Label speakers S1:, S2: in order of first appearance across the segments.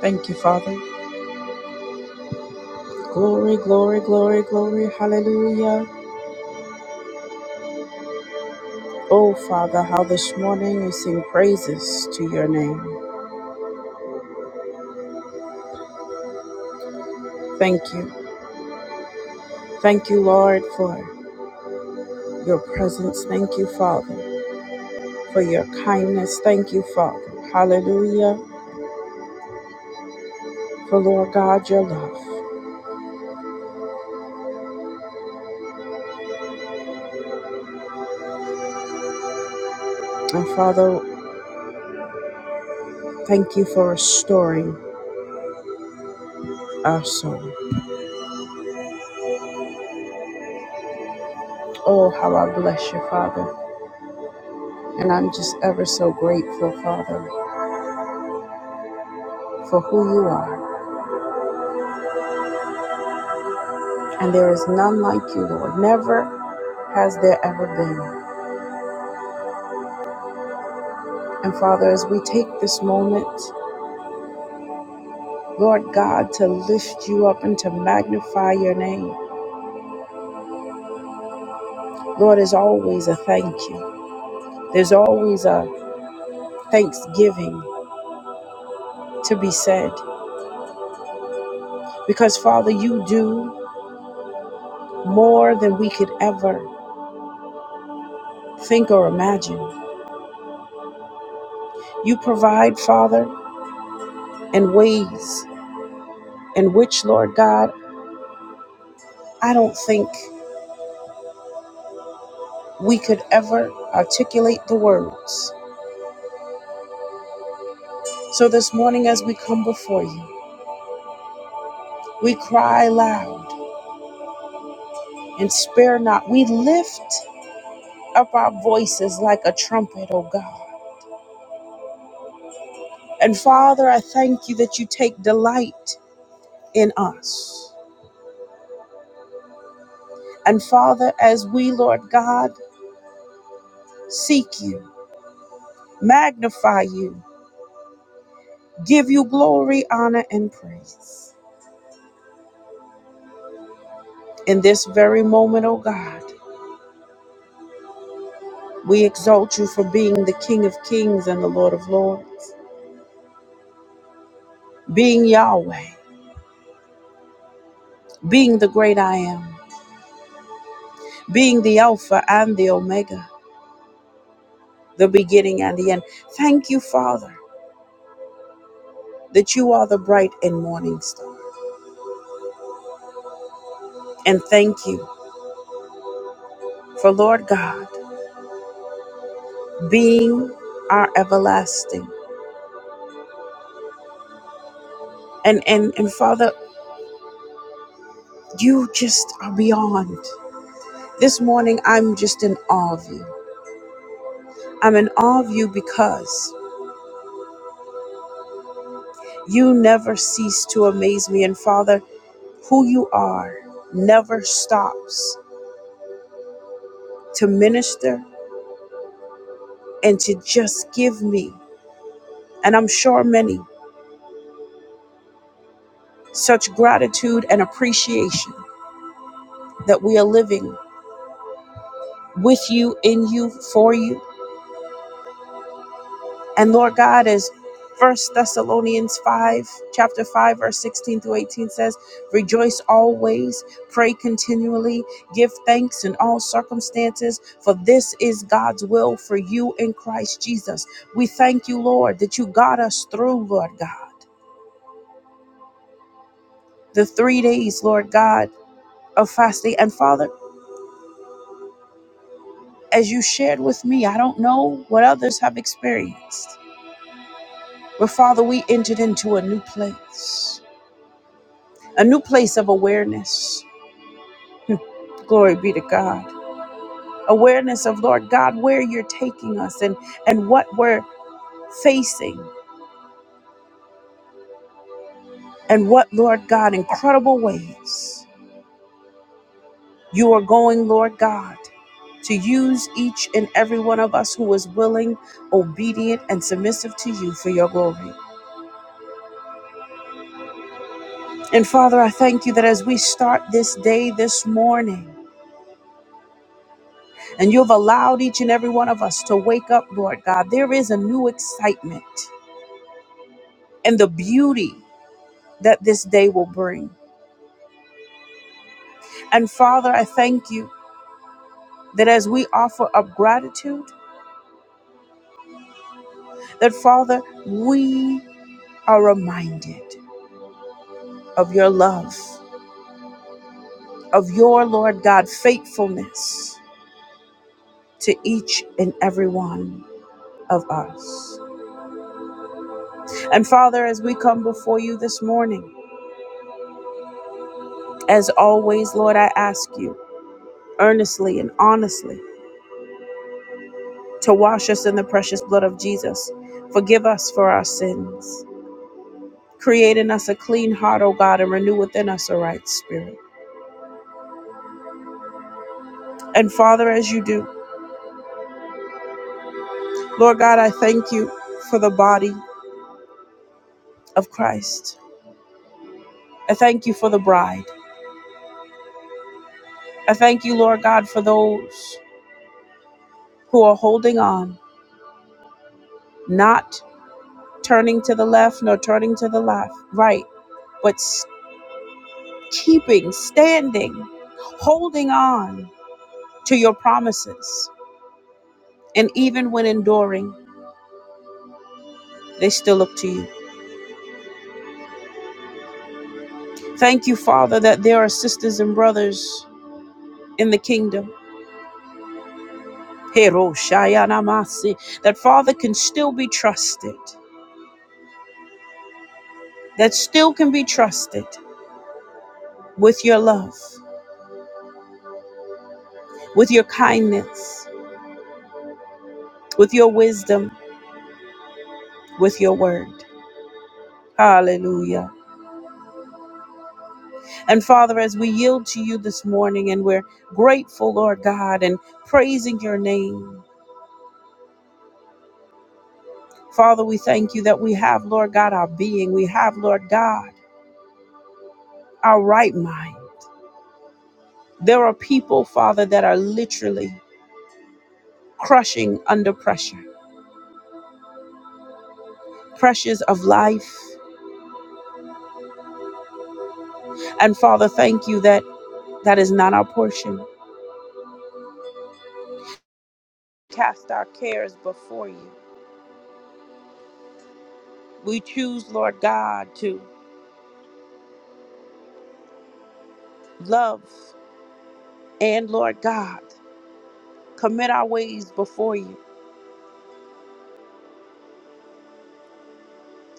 S1: Thank you, Father. Glory, glory, glory, glory. Hallelujah. Oh, Father, how this morning we sing praises to your name. Thank you. Thank you, Lord, for your presence. Thank you, Father, for your kindness. Thank you, Father. Hallelujah. For, Lord God, your love. And, Father, thank you for restoring our soul. Oh, how I bless you, Father. And I'm just ever so grateful, Father, for who you are. and there is none like you, Lord. Never has there ever been. And Father, as we take this moment, Lord God, to lift you up and to magnify your name, Lord, is always a thank you. There's always a thanksgiving to be said because, Father, you do more than we could ever think or imagine. You provide, Father, in ways in which, Lord God, I don't think we could ever articulate the words. So this morning, as we come before you, we cry loud and spare not. We lift up our voices like a trumpet, O God. And Father, I thank you that you take delight in us. And Father, as we, Lord God, seek you, magnify you, give you glory, honor, and praise. In this very moment, O God, we exalt you for being the King of kings and the Lord of lords, being Yahweh, being the great I am being the Alpha and the Omega, the beginning and the end. Thank you, Father, that you are the bright and morning star. And thank you for Lord God being our everlasting. And and and Father, you just are beyond. This morning I'm just in awe of you. I'm in awe of you because you never cease to amaze me. And Father, who you are never stops to minister and to just give me. and I'm sure many, such gratitude and appreciation that we are living with you, in you, for you. And Lord God, as First Thessalonians 5, chapter 5, verse 16 through 18 says, Rejoice always, pray continually, give thanks in all circumstances, for this is God's will for you in Christ Jesus. We thank you, Lord, that you got us through, Lord God, the three days, Lord God, of fasting. And Father, as you shared with me, I don't know what others have experienced. But Father, we entered into a new place, a new place of awareness. Glory be to God. Awareness of, Lord God, where you're taking us and, and what we're facing, and what, Lord God, incredible ways you are going, Lord God, to use each and every one of us who is willing, obedient, and submissive to you for your glory. And Father, I thank you that as we start this day this morning, and you've allowed each and every one of us to wake up, Lord God, there is a new excitement and the beauty that this day will bring. And Father, I thank you that as we offer up gratitude, that Father, we are reminded of your love, of your, Lord God, faithfulness to each and every one of us. And Father, as we come before you this morning, As always, Lord, I ask you earnestly and honestly to wash us in the precious blood of Jesus. Forgive us for our sins. Create in us a clean heart, O God, and renew within us a right spirit. And Father, as you do, Lord God, I thank you for the body of Christ. I thank you for the bride. I thank you, Lord God, for those who are holding on, not turning to the left nor turning to the left, right, but keeping, standing, holding on to your promises. And even when enduring, they still look to you. Thank you, Father, that there are sisters and brothers in the kingdom. Hero shayanamasi, That Father can still be trusted, that still can be trusted with your love, with your kindness, with your wisdom, with your word. Hallelujah. And Father, as we yield to you this morning and we're grateful, Lord God, and praising your name, Father, we thank you that we have, Lord God, our being. We have, Lord God, our right mind. There are people, Father, that are literally crushing under pressure, pressures of life. And Father, thank you that that is not our portion. Cast our cares before you. We choose, Lord God, to love and, Lord God, commit our ways before you.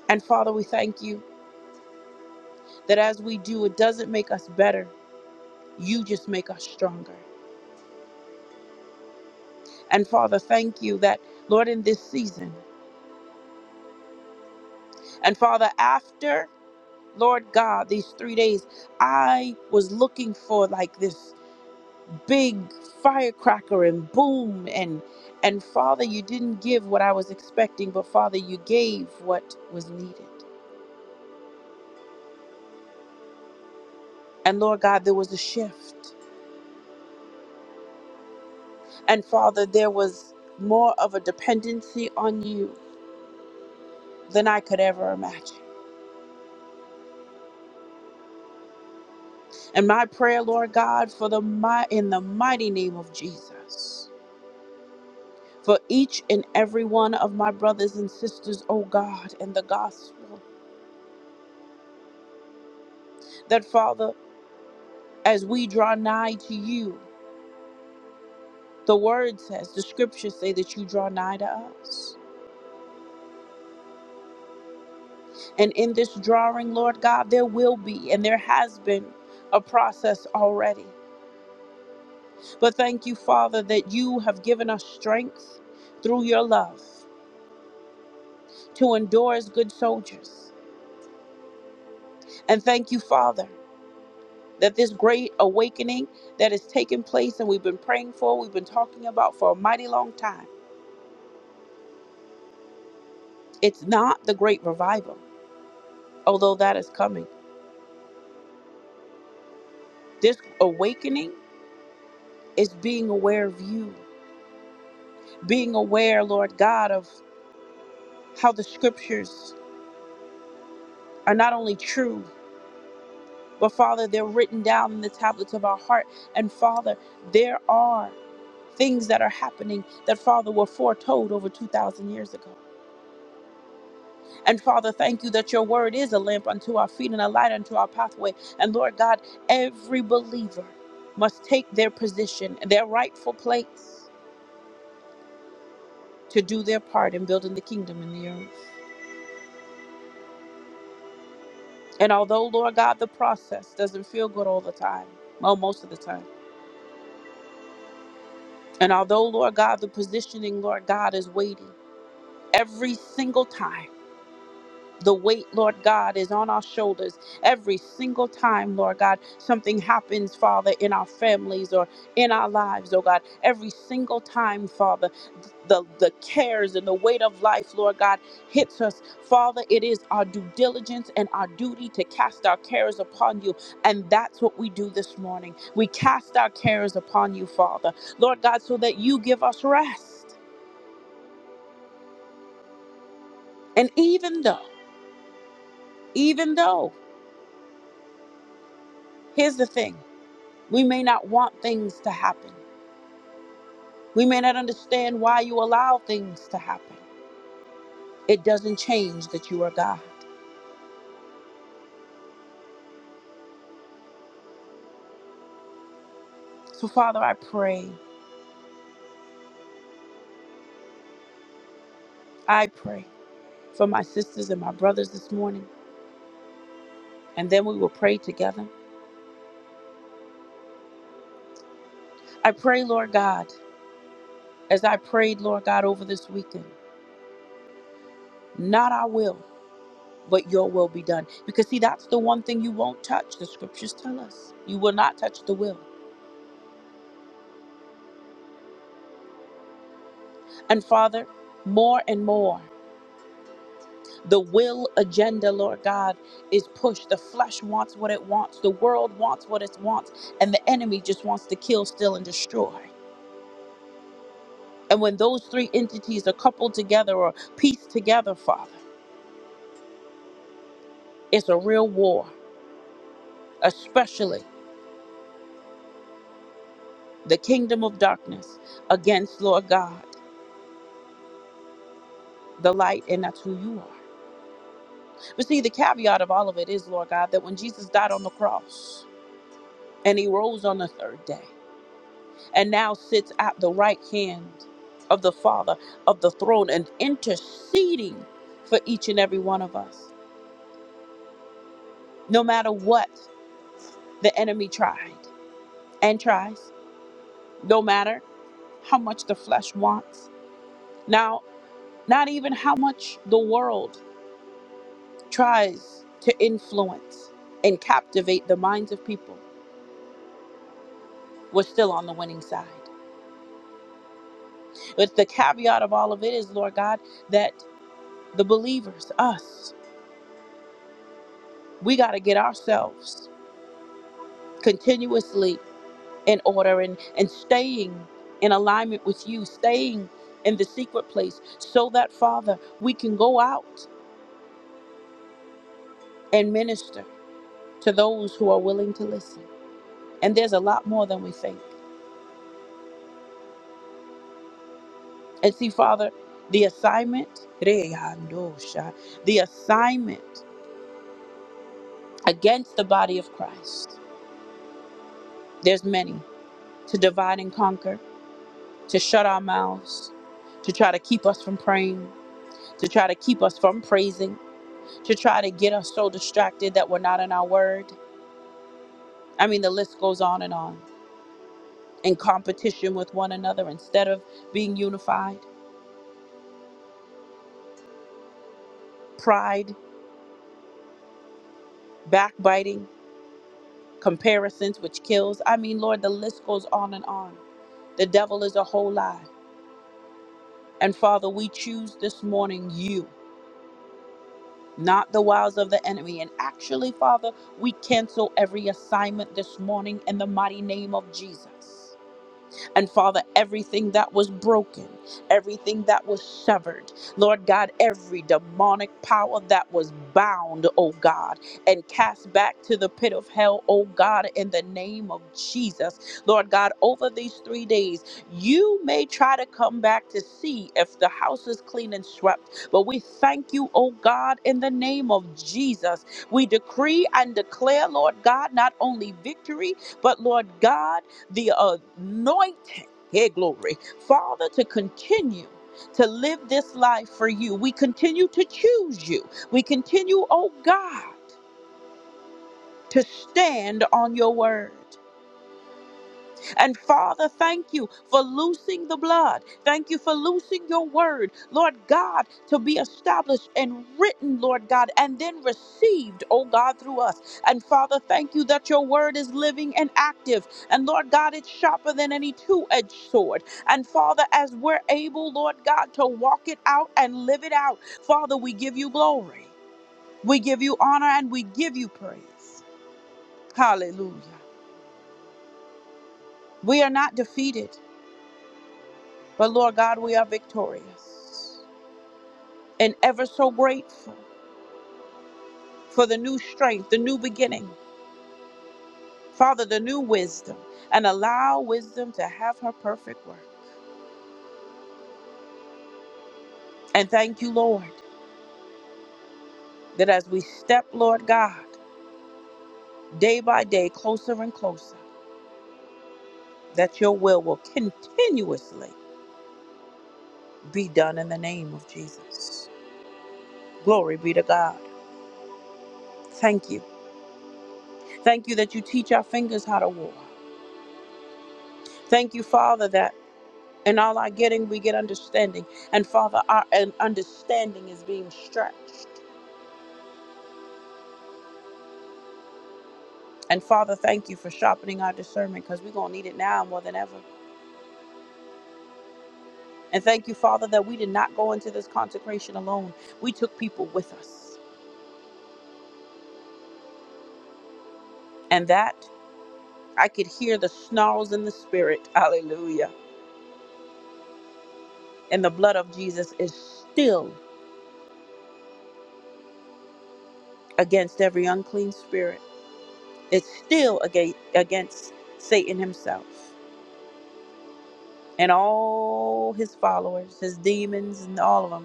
S1: And Father, we thank you that as we do, it doesn't make us better. You just make us stronger. And Father, thank you that, Lord, in this season, and Father, after, Lord God, these three days, I was looking for like this big firecracker and boom and and Father, you didn't give what I was expecting, but Father, you gave what was needed. And Lord God, there was a shift. And Father, there was more of a dependency on you than I could ever imagine. And my prayer, Lord God, for the my in the mighty name of Jesus, for each and every one of my brothers and sisters, oh God, in the gospel, that Father, as we draw nigh to you, the word says, the scriptures say that you draw nigh to us. And in this drawing, Lord God, there will be and there has been a process already. But thank you, Father, that you have given us strength through your love. to endure as good soldiers. And thank you, Father, that this great awakening that has taken place and we've been praying for, we've been talking about for a mighty long time, it's not the great revival, although that is coming. This awakening is being aware of you, being aware, Lord God, of how the scriptures are not only true, but Father, they're written down in the tablets of our heart. And Father, there are things that are happening that Father were foretold over 2,000 years ago. And Father, thank you that your word is a lamp unto our feet and a light unto our pathway. And Lord God, every believer must take their position, their rightful place to do their part in building the kingdom in the earth. And although, Lord God, the process doesn't feel good all the time, well, most of the time. And although, Lord God, the positioning, Lord God, is waiting every single time. The weight, Lord God, is on our shoulders every single time, Lord God. Something happens, Father, in our families or in our lives, oh God. Every single time, Father, the, the cares and the weight of life, Lord God, hits us. Father, it is our due diligence and our duty to cast our cares upon you. And that's what we do this morning. We cast our cares upon you, Father, Lord God, so that you give us rest. And even though, even though, here's the thing. We may not want things to happen. We may not understand why you allow things to happen. It doesn't change that you are God. So, Father, I pray, I pray for my sisters and my brothers this morning, and then we will pray together. I pray, Lord God, as I prayed, Lord God, over this weekend, not our will, but your will be done. Because, see, that's the one thing you won't touch. The scriptures tell us you will not touch the will. And, Father, more and more. The will agenda, Lord God, is pushed. The flesh wants what it wants. The world wants what it wants. And the enemy just wants to kill, steal, and destroy. And when those three entities are coupled together or pieced together, Father, it's a real war, especially the kingdom of darkness against, Lord God, the light, and that's who you are. But see, the caveat of all of it is, Lord God, that when Jesus died on the cross and he rose on the third day, and now sits at the right hand of the Father of the throne and interceding for each and every one of us. No matter what the enemy tried and tries, no matter how much the flesh wants. Now, not even how much the world tries to influence and captivate the minds of people, we're still on the winning side. But the caveat of all of it is, Lord God, that the believers, us, we got to get ourselves continuously in order and, and staying in alignment with you, staying in the secret place, so that, Father, we can go out and minister to those who are willing to listen. And there's a lot more than we think. And see, Father, the assignment, Reyandosha, the assignment against the body of Christ, there's many to divide and conquer, to shut our mouths, to try to keep us from praying, to try to keep us from praising to try to get us so distracted that we're not in our word. I mean, the list goes on and on. In competition with one another instead of being unified, pride, backbiting, comparisons, which kills. I mean, Lord, the list goes on and on. The devil is a whole lie. And Father, we choose this morning you, not the wiles of the enemy. And actually, Father, we cancel every assignment this morning in the mighty name of Jesus. And Father, everything that was broken, everything that was severed, Lord God, every demonic power that was bound, oh God, and cast back to the pit of hell, oh God, in the name of Jesus. Lord God, over these three days, you may try to come back to see if the house is clean and swept, but we thank you, oh God, in the name of Jesus. We decree and declare, Lord God, not only victory, but Lord God, the anointing, hey, glory, Father, to continue to live this life for you. We continue to choose you. We continue, oh God, to stand on your word. And Father, thank you for loosing the blood. Thank you for loosing your word, Lord God, to be established and written, Lord God, and then received, oh God, through us. And Father, thank you that your word is living and active. And Lord God, it's sharper than any two edged sword. And Father, as we're able, Lord God, to walk it out and live it out, Father, we give you glory, we give you honor, and we give you praise. Hallelujah. We are not defeated. But Lord God, we are victorious and ever so grateful for the new strength, the new beginning, Father, the new wisdom, and allow wisdom to have her perfect work. And thank you, Lord, that as we step, Lord God, day by day, closer and closer, that your will will continuously be done in the name of Jesus. Glory be to God. Thank you. Thank you that you teach our fingers how to war. Thank you, Father, that In all our getting, we get understanding. And Father, our and understanding is being stretched. And Father, thank you for sharpening our discernment because we're going to need it now more than ever. And thank you, Father, that we did not go into this consecration alone. We took people with us. And that I could hear the snarls in the spirit. Hallelujah. And the blood of Jesus is still against every unclean spirit, it's still aga- against Satan himself and all his followers, his demons, and all of them.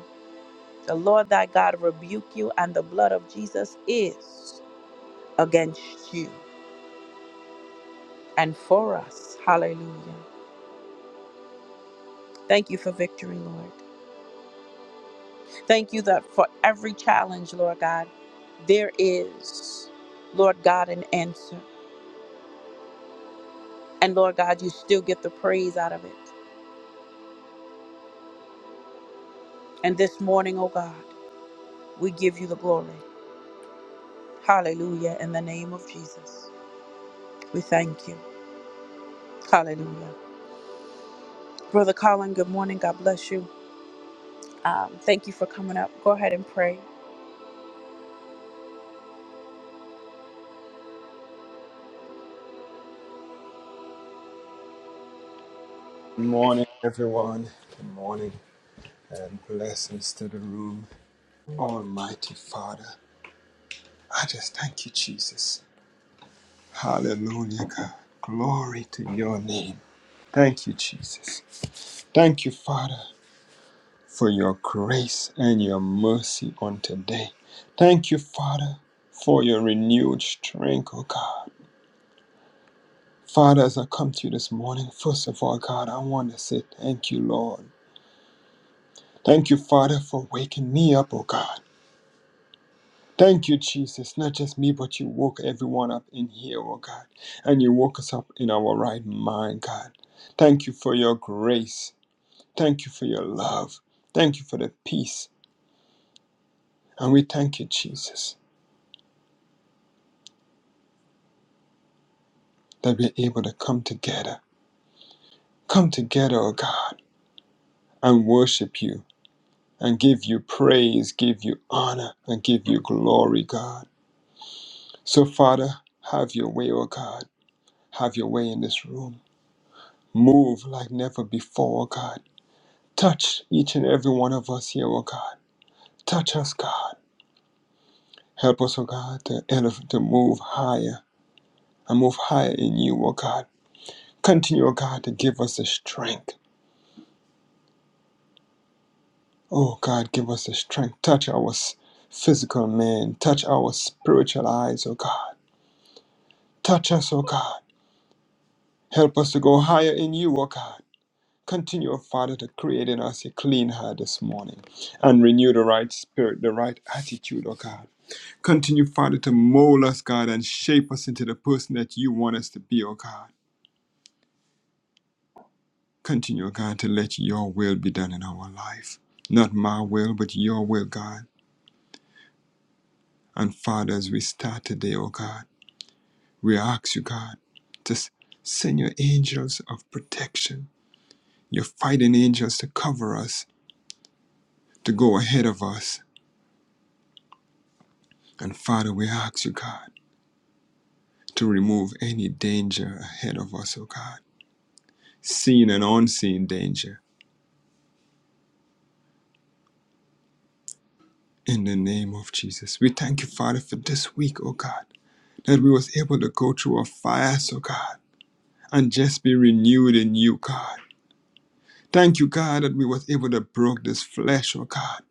S1: The Lord thy God rebuke you, and the blood of Jesus is against you and for us. Hallelujah. Thank you for victory, Lord. Thank you that for every challenge, Lord God, there is, Lord God, an answer. And Lord God, you still get the praise out of it. And this morning, oh God, we give you the glory. Hallelujah. In the name of Jesus, we thank you. Hallelujah. Brother Colin, good morning. God bless you. Um, thank you for coming up. Go ahead and pray.
S2: Good morning, everyone. Good morning, and blessings to the room. Almighty Father, I just thank you, Jesus. Hallelujah, God. Glory to your name. Thank you, Jesus. Thank you, Father, for your grace and your mercy on today. Thank you, Father, for your renewed strength, oh God. Father, as I come to you this morning, first of all, God, I want to say thank you, Lord. Thank you, Father, for waking me up, oh God. Thank you, Jesus. Not just me, but you woke everyone up in here, oh God. And you woke us up in our right mind, God. Thank you for your grace. Thank you for your love. Thank you for the peace. And we thank you, Jesus, that we're able to come together. Come together, oh God, and worship you and give you praise, give you honor, and give you glory, God. So, Father, have your way, oh God. Have your way in this room. Move like never before, oh God Touch each and every one of us here, oh God. Touch us, God. Help us, oh God, to, elevate, to move higher and move higher in you, oh God. Continue, oh God, to give us the strength. Oh God, give us the strength. Touch our s- physical man. Touch our spiritual eyes, oh God. Touch us, oh God. Help us to go higher in you, oh God. Continue, oh Father, to create in us a clean heart this morning and renew the right spirit, the right attitude, oh God. Continue, Father, to mold us, God, and shape us into the person that you want us to be, oh God. Continue, God, to let your will be done in our life. Not my will, but your will, God. And Father, as we start today, oh God, we ask you, God, to s- send your angels of protection, your fighting angels to cover us, to go ahead of us. And Father, we ask you, God, to remove any danger ahead of us, oh God, seen and unseen danger In the name of Jesus, we thank you, Father, for this week, oh God, that we was able to go through our fires, oh God, and just be renewed in you, God. Thank you, God, that we was able to broke this flesh, oh God,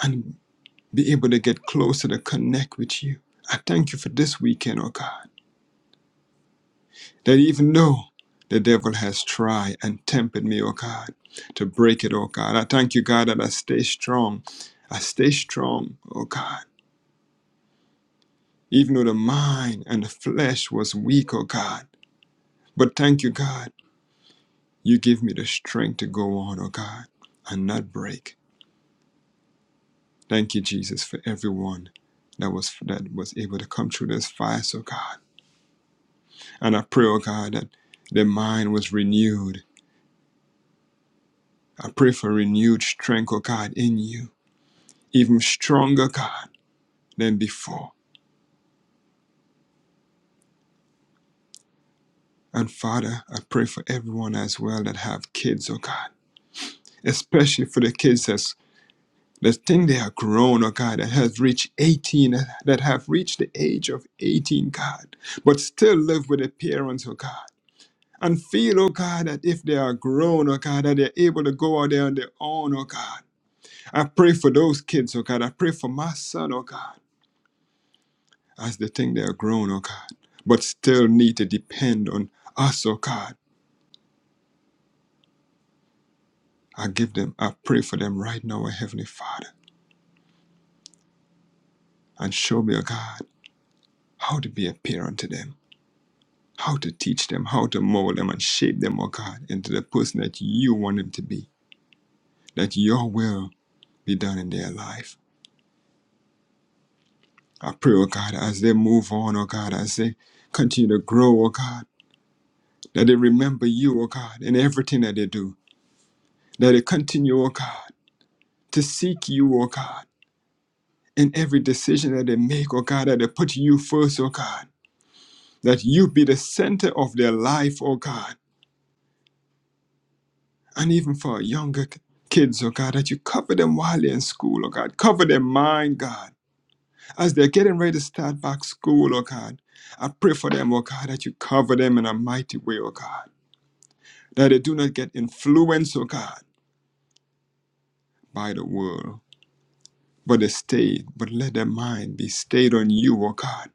S2: and be able to get closer to connect with you. I thank you for this weekend, oh God, that even though the devil has tried and tempted me, oh God, to break it, oh God, I thank you, God, that I stay strong. I stay strong, oh God even though the mind and the flesh was weak, oh God. But thank you, God. You give me the strength to go on, oh God, and not break. Thank you, Jesus, for everyone that was that was able to come through this fast, oh God. And I pray, oh God, that their mind was renewed. I pray for renewed strength, oh God, in you, even stronger, God, than before. And Father, I pray for everyone as well that have kids, oh God, especially for the kids that There's thing they are grown, oh God, that has reached 18, that have reached the age of 18, God, but still live with their parents, oh God. And feel, oh God, that if they are grown, oh God, that they're able to go out there on their own, oh God. I pray for those kids, oh God. I pray for my son, oh God, as they think they are grown, oh God, but still need to depend on us, oh God. I give them, I pray for them right now, oh Heavenly Father, and show me, oh God, how to be a parent to them how to teach them, how to mold them and shape them, oh God, into the person that you want them to be. That your will be done in their life. I pray, oh God, as they move on, oh God, as they continue to grow, oh God, that they remember you, oh God, in everything that they do. That they continue, oh God, to seek you, oh God, in every decision that they make, oh God, that they put you first, oh God. That you be the center of their life, oh God and even for our younger k- kids, oh God, that you cover them while they're in school, oh God. Cover their mind, God. As they're getting ready to start back school, oh God, I pray for them, oh God, that you cover them in a mighty way, oh God. That they do not get influenced, oh God, by the world, but they stay, but let their mind be stayed on you, oh God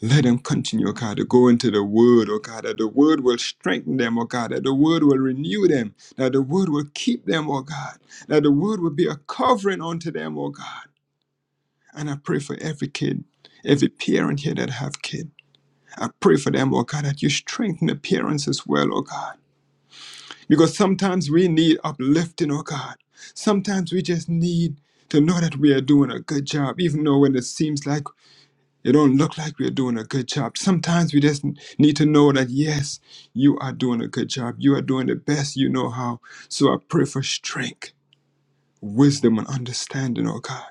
S2: Let them continue, oh God, to go into the word, oh God, that the word will strengthen them, oh God, that the word will renew them, that the word will keep them, oh God, that the word will be a covering unto them, oh God. And I pray for every kid, every parent here that have kid. I pray for them, oh God, that you strengthen the parents as well, oh God. Because sometimes we need uplifting, oh God. Sometimes we just need to know that we are doing a good job, even though when it seems like it don't look like we're doing a good job. Sometimes we just need to know that yes, you are doing a good job. You are doing the best you know how. So I pray for strength, wisdom, and understanding, oh God.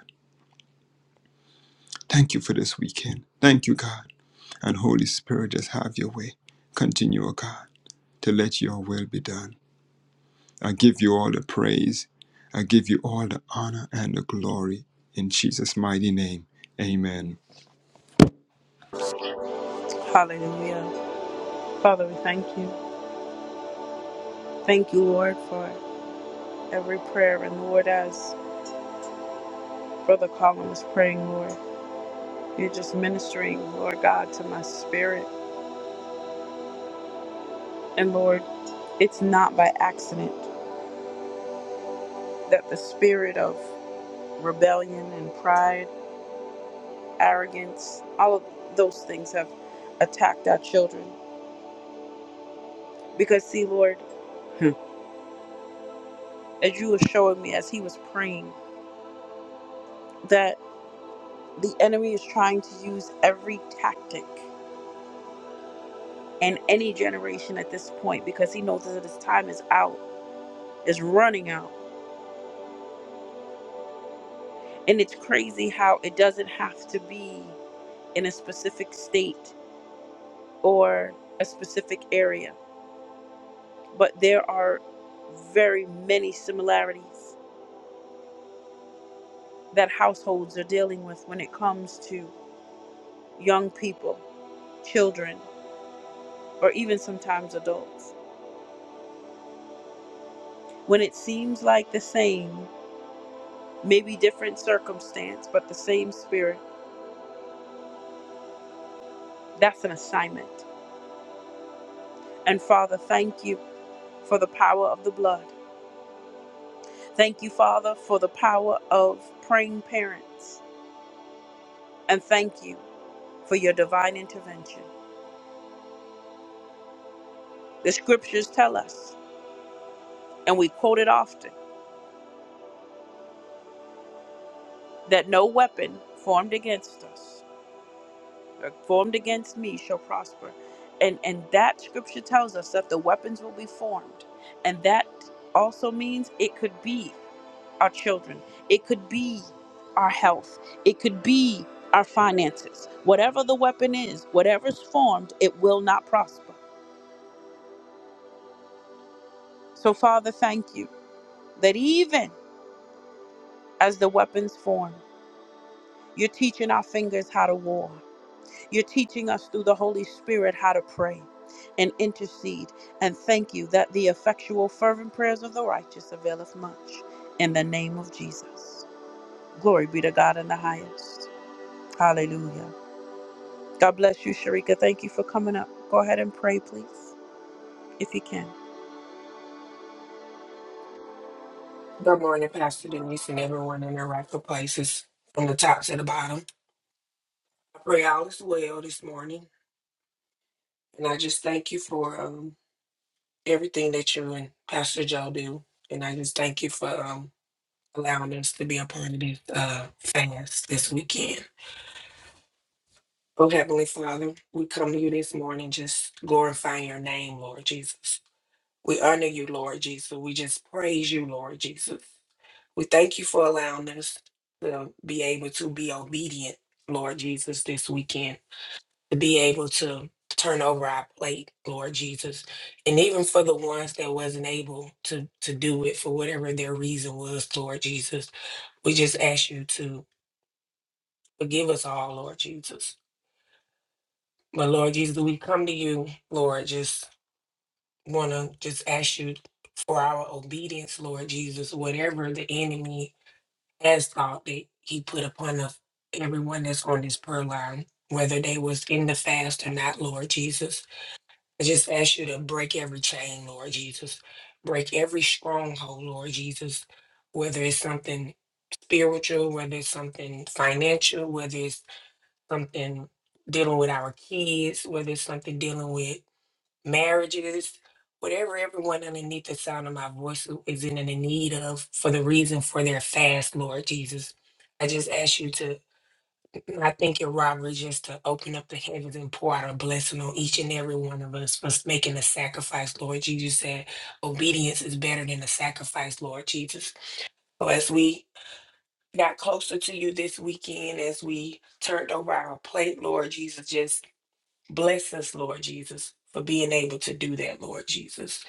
S2: Thank you for this weekend. Thank you, God. And Holy Spirit, just have your way. Continue, oh God, to let your will be done. I give you all the praise. I give you all the honor and the glory. In Jesus' mighty name, amen.
S1: Hallelujah. Father, we thank you. Thank you, Lord, for every prayer. And Lord, as Brother Colin was praying, Lord, you're just ministering, Lord God, to my spirit. And Lord, it's not by accident that the spirit of rebellion and pride, arrogance, all of those things have attacked our children. Because, see, Lord, Hmm. as you were showing me as he was praying, that the enemy is trying to use every tactic and any generation at this point because he knows that his time is out, is running out. And it's crazy how it doesn't have to be in a specific state or a specific area, but there are very many similarities that households are dealing with when it comes to young people, children, or even sometimes adults. When it seems like the same, maybe different circumstance, but the same spirit, that's an assignment And Father, thank you for the power of the blood. Thank you, Father, for the power of praying parents. And thank you for your divine intervention. The scriptures tell us, and we quote it often, that no weapon formed against us or formed against me shall prosper. And, and that scripture tells us that the weapons will be formed. And that also means it could be. our children, it could be our health, it could be our finances. Whatever the weapon is, whatever's formed, it will not prosper. So, Father, thank you that even as the weapons form, you're teaching our fingers how to war. You're teaching us through the Holy Spirit how to pray and intercede. And thank you that the effectual, fervent prayers of the righteous availeth much. In the name of Jesus. Glory be to God in the highest. Hallelujah. God bless you, Sharika. Thank you for coming up. Go ahead and pray, please, if you can.
S3: Good morning, Pastor Denise, and everyone in their rightful places, from the top to the bottom. I pray all is well this morning, and I just thank you for um, everything that you and Pastor Joe do, and I just thank you for um, allowing us to be a part of this uh, fast this weekend. Oh, Heavenly Father, we come to you this morning just glorifying your name, Lord Jesus. We honor you, Lord Jesus. We just praise you, Lord Jesus. We thank you for allowing us to be able to be obedient, Lord Jesus, this weekend, to be able to turn over our plate, Lord Jesus. And even for the ones that wasn't able to to do it for whatever their reason was, Lord Jesus, we just ask you to forgive us all, Lord Jesus. But Lord Jesus, we come to you, Lord, just wanna just ask you for our obedience, Lord Jesus, whatever the enemy asphalt that he put upon us, everyone that's on this prayer line, whether they was in the fast or not, Lord Jesus. I just ask you to break every chain, Lord Jesus. Break every stronghold, Lord Jesus, whether it's something spiritual, whether it's something financial, whether it's something dealing with our kids, whether it's something dealing with marriages, whatever everyone underneath the sound of my voice who is in the need of for the reason for their fast, Lord Jesus. I just ask you to, I think your robbery just to open up the heavens and pour out a blessing on each and every one of us for making a sacrifice, Lord Jesus. Said obedience is better than a sacrifice, Lord Jesus. So as we got closer to you this weekend, as we turned over our plate, Lord Jesus, just bless us, Lord Jesus, for being able to do that, Lord Jesus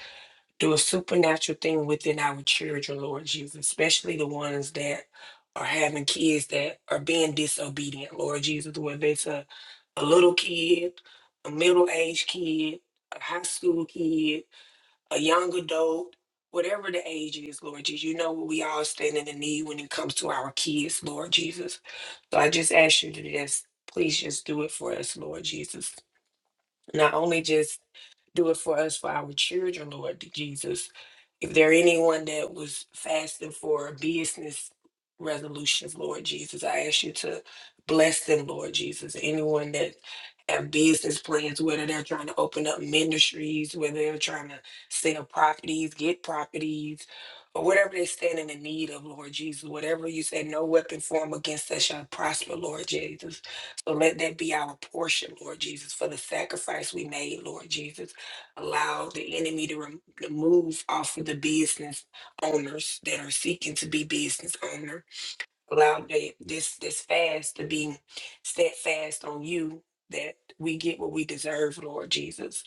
S3: do a supernatural thing within our children, Lord Jesus, especially the ones that are having kids that are being disobedient, Lord Jesus, whether it's a, a little kid, a middle aged kid, a high school kid, a young adult, whatever the age is, Lord Jesus, you know what we all stand in the need when it comes to our kids, Lord Jesus. So I just ask you to just please just do it for us, Lord Jesus. Not only just do it for us, for our children, Lord Jesus. If there anyone that was fasting for business resolutions, Lord Jesus, I ask you to bless them, Lord Jesus. Anyone that have business plans, whether they're trying to open up ministries, whether they're trying to sell properties, get properties, or whatever they're standing in need of, Lord Jesus, whatever you said, no weapon formed against us shall prosper, Lord Jesus. So let that be our portion, Lord Jesus, for the sacrifice we made, Lord Jesus allow the enemy to rem- remove off of the business owners that are seeking to be business owner. Allow the, this this fast to be steadfast on you that we get what we deserve, Lord Jesus.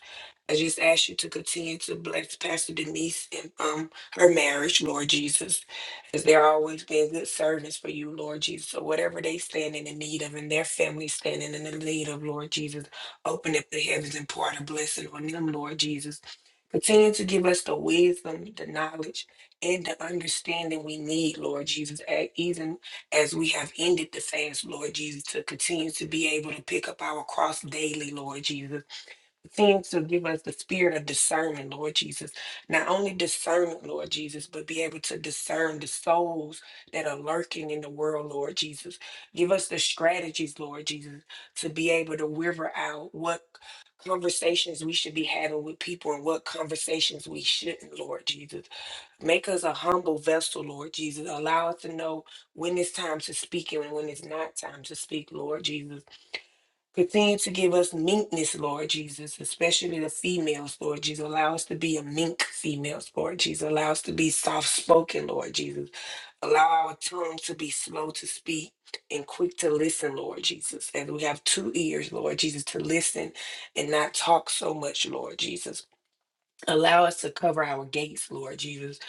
S3: I just ask you to continue to bless Pastor Denise and um her marriage, Lord Jesus, as they're always being good servants for you, Lord Jesus. So whatever they stand in the need of and their family standing in the need of, Lord Jesus, open up the heavens and pour out a blessing on them, Lord Jesus. Continue to give us the wisdom, the knowledge, and the understanding we need, Lord Jesus, a- even as we have ended the fast, Lord Jesus, to continue to be able to pick up our cross daily, Lord Jesus Things to give us the spirit of discernment, Lord Jesus. Not only discernment, Lord Jesus, but be able to discern the souls that are lurking in the world, Lord Jesus. Give us the strategies, Lord Jesus, to be able to river out what conversations we should be having with people and what conversations we shouldn't, Lord Jesus. Make us a humble vessel, Lord Jesus. Allow us to know when it's time to speak and when it's not time to speak, Lord Jesus. Continue to give us meekness, Lord Jesus, especially the females, Lord Jesus. Allow us to be a meek females, Lord Jesus. Allow us to be soft spoken, Lord Jesus. Allow our tongue to be slow to speak and quick to listen, Lord Jesus. As we have two ears, Lord Jesus, to listen and not talk so much, Lord Jesus. Allow us to cover our gates, Lord Jesus,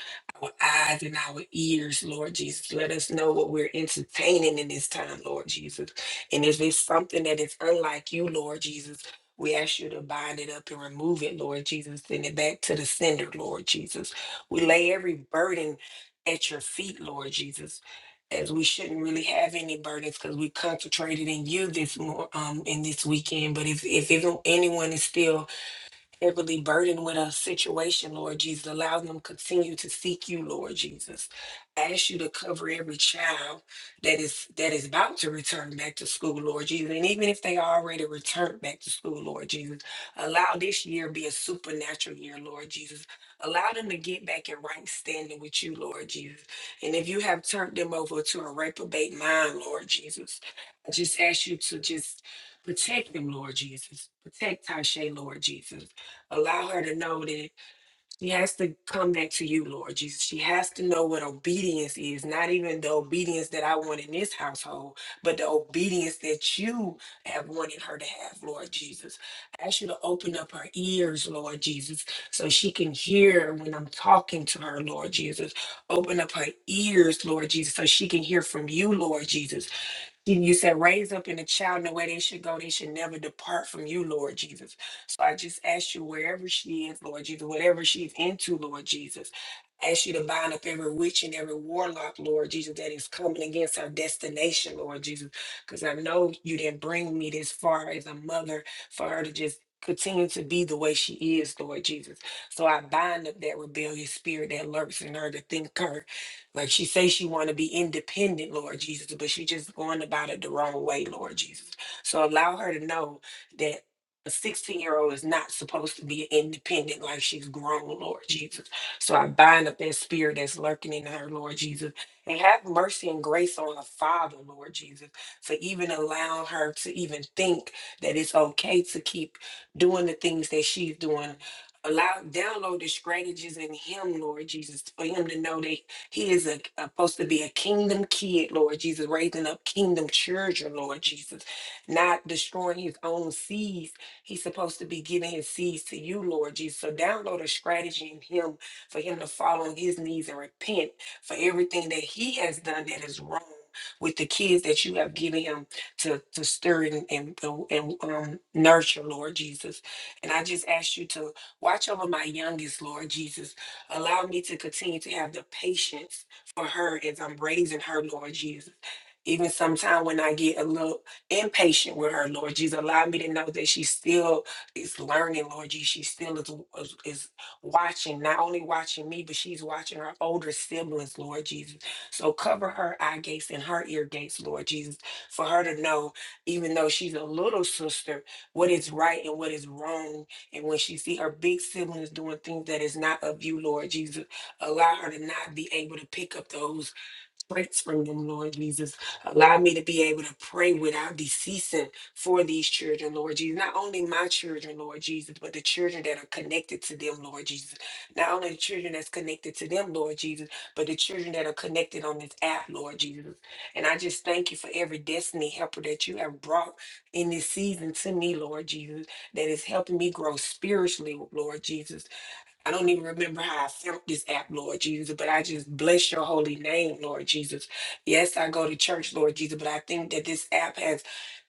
S3: our eyes and our ears, Lord Jesus. Let us know what we're entertaining in this time, Lord Jesus. And if it's something that is unlike you, Lord Jesus, we ask you to bind it up and remove it, Lord Jesus. Send it back to the sender, Lord Jesus. We lay every burden at your feet, Lord Jesus. As we shouldn't really have any burdens because we concentrated in you this more um in this weekend. But if if even anyone is still heavily burdened with a situation, Lord Jesus. Allow them to continue to seek you, Lord Jesus. Ask you to cover every child that is that is about to return back to school, Lord Jesus. And even if they already returned back to school, Lord Jesus, allow this year be a supernatural year, Lord Jesus. Allow them to get back in right standing with you, Lord Jesus. And if you have turned them over to a reprobate mind, Lord Jesus, I just ask you to just protect them, Lord Jesus. Protect Tasha, Lord Jesus. Allow her to know that she has to come back to you, Lord Jesus. She has to know what obedience is, not even the obedience that I want in this household, but the obedience that you have wanted her to have, Lord Jesus. I ask you to open up her ears, Lord Jesus, so she can hear when I'm talking to her, Lord Jesus. Open up her ears, Lord Jesus, so she can hear from you, Lord Jesus and you said, raise up in the child in the way they should go. They should never depart from you, Lord Jesus. So I just ask you, wherever she is, Lord Jesus, whatever she's into, Lord Jesus, I ask you to bind up every witch and every warlock, Lord Jesus, that is coming against our destination, Lord Jesus. Because I know you didn't bring me this far as a mother for her to just continue to be the way she is, Lord Jesus. So I bind up that rebellious spirit that lurks in her to think her like she says she want to be independent, Lord Jesus, but she just going about it the wrong way, Lord Jesus. So allow her to know that a 16 year old is not supposed to be independent like she's grown, Lord Jesus. So I bind up that spirit that's lurking in her, Lord Jesus, and have mercy and grace on her father, Lord Jesus, for even allowing her to even think that it's okay to keep doing the things that she's doing allow download the strategies in him, Lord Jesus, for him to know that he is a, a- supposed to be a kingdom kid, Lord Jesus, raising up kingdom children, Lord Jesus, not destroying his own seeds. He's supposed to be giving his seeds to you, Lord Jesus. So download a strategy in him for him to fall on his knees and repent for everything that he has done that is wrong with the kids that you have given him to, to stir and, and, and um, nurture, Lord Jesus. And I just ask you to watch over my youngest, Lord Jesus. Allow me to continue to have the patience for her as I'm raising her, Lord Jesus. Even sometime when I get a little impatient with her, Lord Jesus, allow me to know that she still is learning, Lord Jesus. She still is, is, is watching, not only watching me, but she's watching her older siblings, Lord Jesus. So cover her eye gates and her ear gates, Lord Jesus, for her to know, even though she's a little sister, what is right and what is wrong and when she see her big siblings doing things that is not of you, Lord Jesus, allow her to not be able to pick up those strength from them, Lord Jesus. Allow me to be able to pray without deceasing for these children, Lord Jesus. Not only my children, Lord Jesus, but the children that are connected to them, Lord Jesus. Not only the children that's connected to them, Lord Jesus, but the children that are connected on this app, Lord Jesus. And I just thank you for every destiny helper that you have brought in this season to me, Lord Jesus, that is helping me grow spiritually, Lord Jesus I don't even remember how I felt this app, Lord Jesus, but I just bless your holy name, Lord Jesus. Yes, I go to church, Lord Jesus, but I think that this app has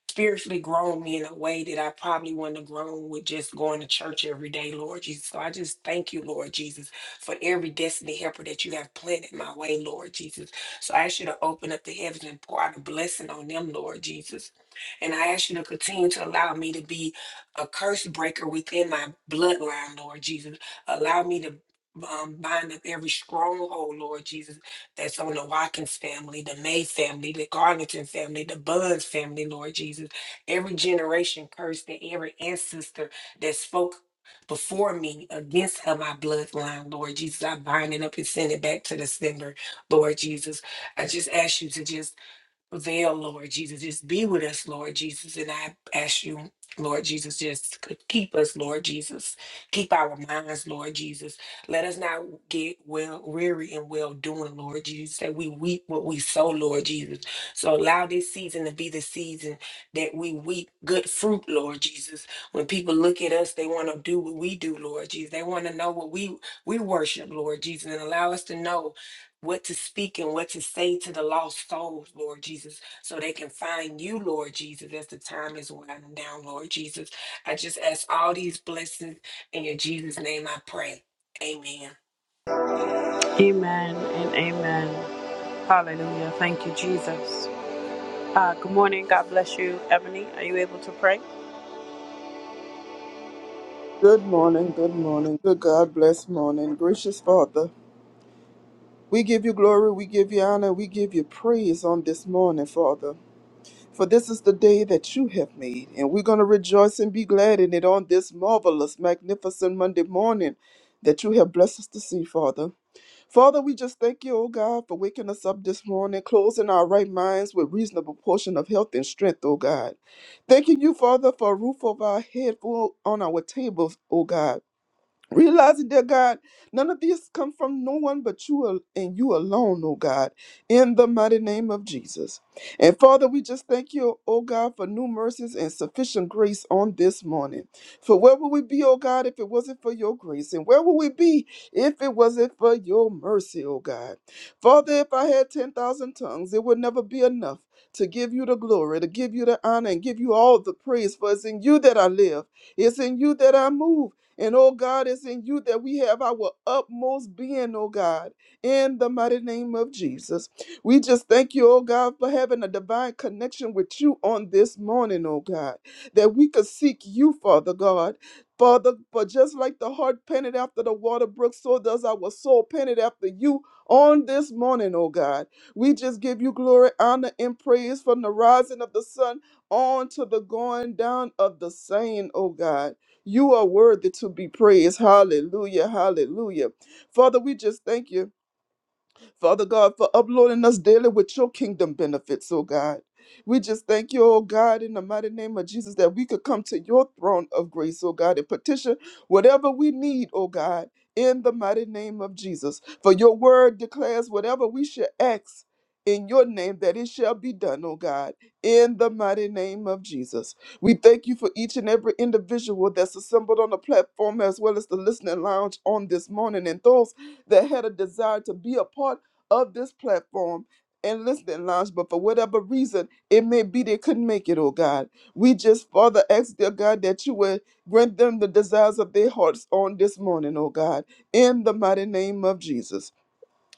S3: spiritually grown me in a way that I probably wouldn't have grown with just going to church every day, Lord Jesus. So I just thank you, Lord Jesus, for every destiny helper that you have planted my way, Lord Jesus. So I ask you to open up the heavens and pour out a blessing on them, Lord Jesus. And I ask you to continue to allow me to be a curse breaker within my bloodline, Lord Jesus. Allow me to um, bind up every stronghold, Lord Jesus that's on the Watkins family, the May family, the Garlington family, the Buns family, Lord Jesus. Every generation cursed and every ancestor that spoke before me against her, my bloodline, Lord Jesus. I bind it up and send it back to the sender, Lord Jesus. I just ask you to just veil, Lord Jesus. Just be with us, Lord Jesus. And I ask you, Lord Jesus, just c- keep us, Lord Jesus. Keep our minds, Lord Jesus. Let us not get well weary and well doing, Lord Jesus, that we weep what we sow, Lord Jesus. So allow this season to be the season that we weep good fruit, Lord Jesus. When people look at us, they want to do what we do, Lord Jesus. They want to know what we we worship, Lord Jesus, and allow us to know what to speak and what to say to the lost souls, Lord Jesus, so they can find you, Lord Jesus, as the time is winding down, Lord Jesus. I just ask all these blessings in your Jesus' name I pray. Amen.
S1: Amen and amen. Hallelujah. Thank you, Jesus. Uh, good morning. God bless you, Ebony. Are you able to pray?
S4: Good morning, good morning, good God bless morning. Gracious Father, we give you glory, we give you honor, we give you praise on this morning, Father. For this is the day that you have made, and we're going to rejoice and be glad in it on this marvelous, magnificent Monday morning that you have blessed us to see, Father. Father, we just thank you, oh God, for waking us up this morning, closing our right minds with reasonable portion of health and strength, oh God. Thanking you, Father, for a roof over our head, food on our tables, oh God Realizing, dear God, none of these come from no one but you al- and you alone, oh God, in the mighty name of Jesus. And Father, we just thank you, oh God, for new mercies and sufficient grace on this morning. For where would we be, oh God, if it wasn't for your grace? And where would we be if it wasn't for your mercy, oh God? Father, if I had 10,000 tongues, it would never be enough to give you the glory, to give you the honor, and give you all the praise. For it's in you that I live, it's in you that I move. And oh God, it's in you that we have our utmost being, oh God, in the mighty name of Jesus. We just thank you, oh God, for having a divine connection with you on this morning, oh God, that we could seek you, Father God. Father, for just like the heart panted after the water brook, so does our soul panted after you on this morning, oh God. We just give you glory, honor, and praise from the rising of the sun on to the going down of the same, oh God. You are worthy to be praised. Hallelujah. Hallelujah. Father, we just thank you. Father God, for uploading us daily with your kingdom benefits, oh God. We just thank you, oh God, in the mighty name of Jesus, that we could come to your throne of grace, oh God, and petition whatever we need, oh God, in the mighty name of Jesus. For your word declares whatever we should ask in your name, that it shall be done, oh God, in the mighty name of Jesus. We thank you for each and every individual that's assembled on the platform as well as the listening lounge on this morning and those that had a desire to be a part of this platform and listening lounge, but for whatever reason it may be they couldn't make it, oh God. We just, Father, ask, dear God, that you would grant them the desires of their hearts on this morning, oh God, in the mighty name of Jesus.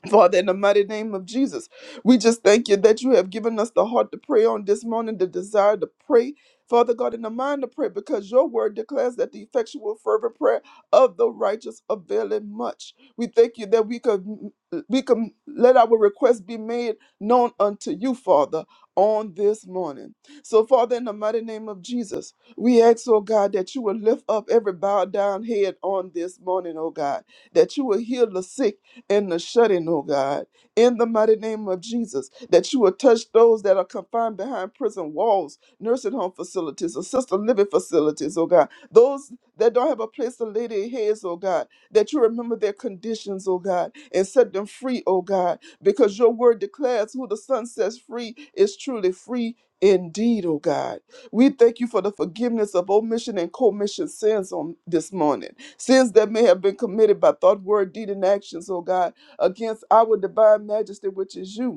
S4: Father, in the mighty name of Jesus, we just thank you that you have given us the heart to pray on this morning, the desire to pray. Father God, in the mind to pray, because your word declares that the effectual, fervent prayer of the righteous availeth much. We thank you that we could we can let our requests be made known unto you, Father, on this morning. So, Father, in the mighty name of Jesus, we ask, oh God, that you will lift up every bowed down head on this morning, oh God, that you will heal the sick in the shutting, oh God, in the mighty name of Jesus, that you will touch those that are confined behind prison walls, nursing home facilities, assisted living facilities, oh God, those that don't have a place to lay their heads, oh God, that you remember their conditions, oh God, and set them free, oh God, because your word declares who the Son sets free is truly free. Indeed, oh God. We thank you for the forgiveness of omission and commission sins on this morning. Sins that may have been committed by thought, word, deed, and actions, oh God, against our divine majesty, which is you.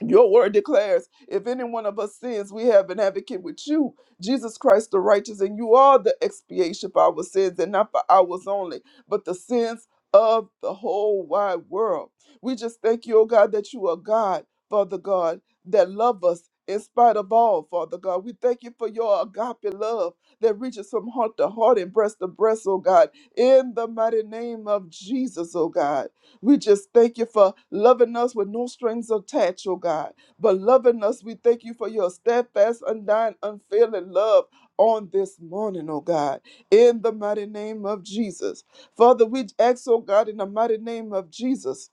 S4: Your word declares, if any one of us sins, we have an advocate with you, Jesus Christ the righteous, and you are the expiation for our sins, and not for ours only, but the sins of the whole wide world. We just thank you, oh God, that you are God, Father God, that love us in spite of all, Father God. We thank you for your agape love that reaches from heart to heart and breast to breast, oh God, in the mighty name of Jesus, oh God. We just thank you for loving us with no strings attached, oh God. But loving us, we thank you for your steadfast, undying, unfailing love on this morning, oh God, in the mighty name of Jesus. Father, we ask, oh God, in the mighty name of Jesus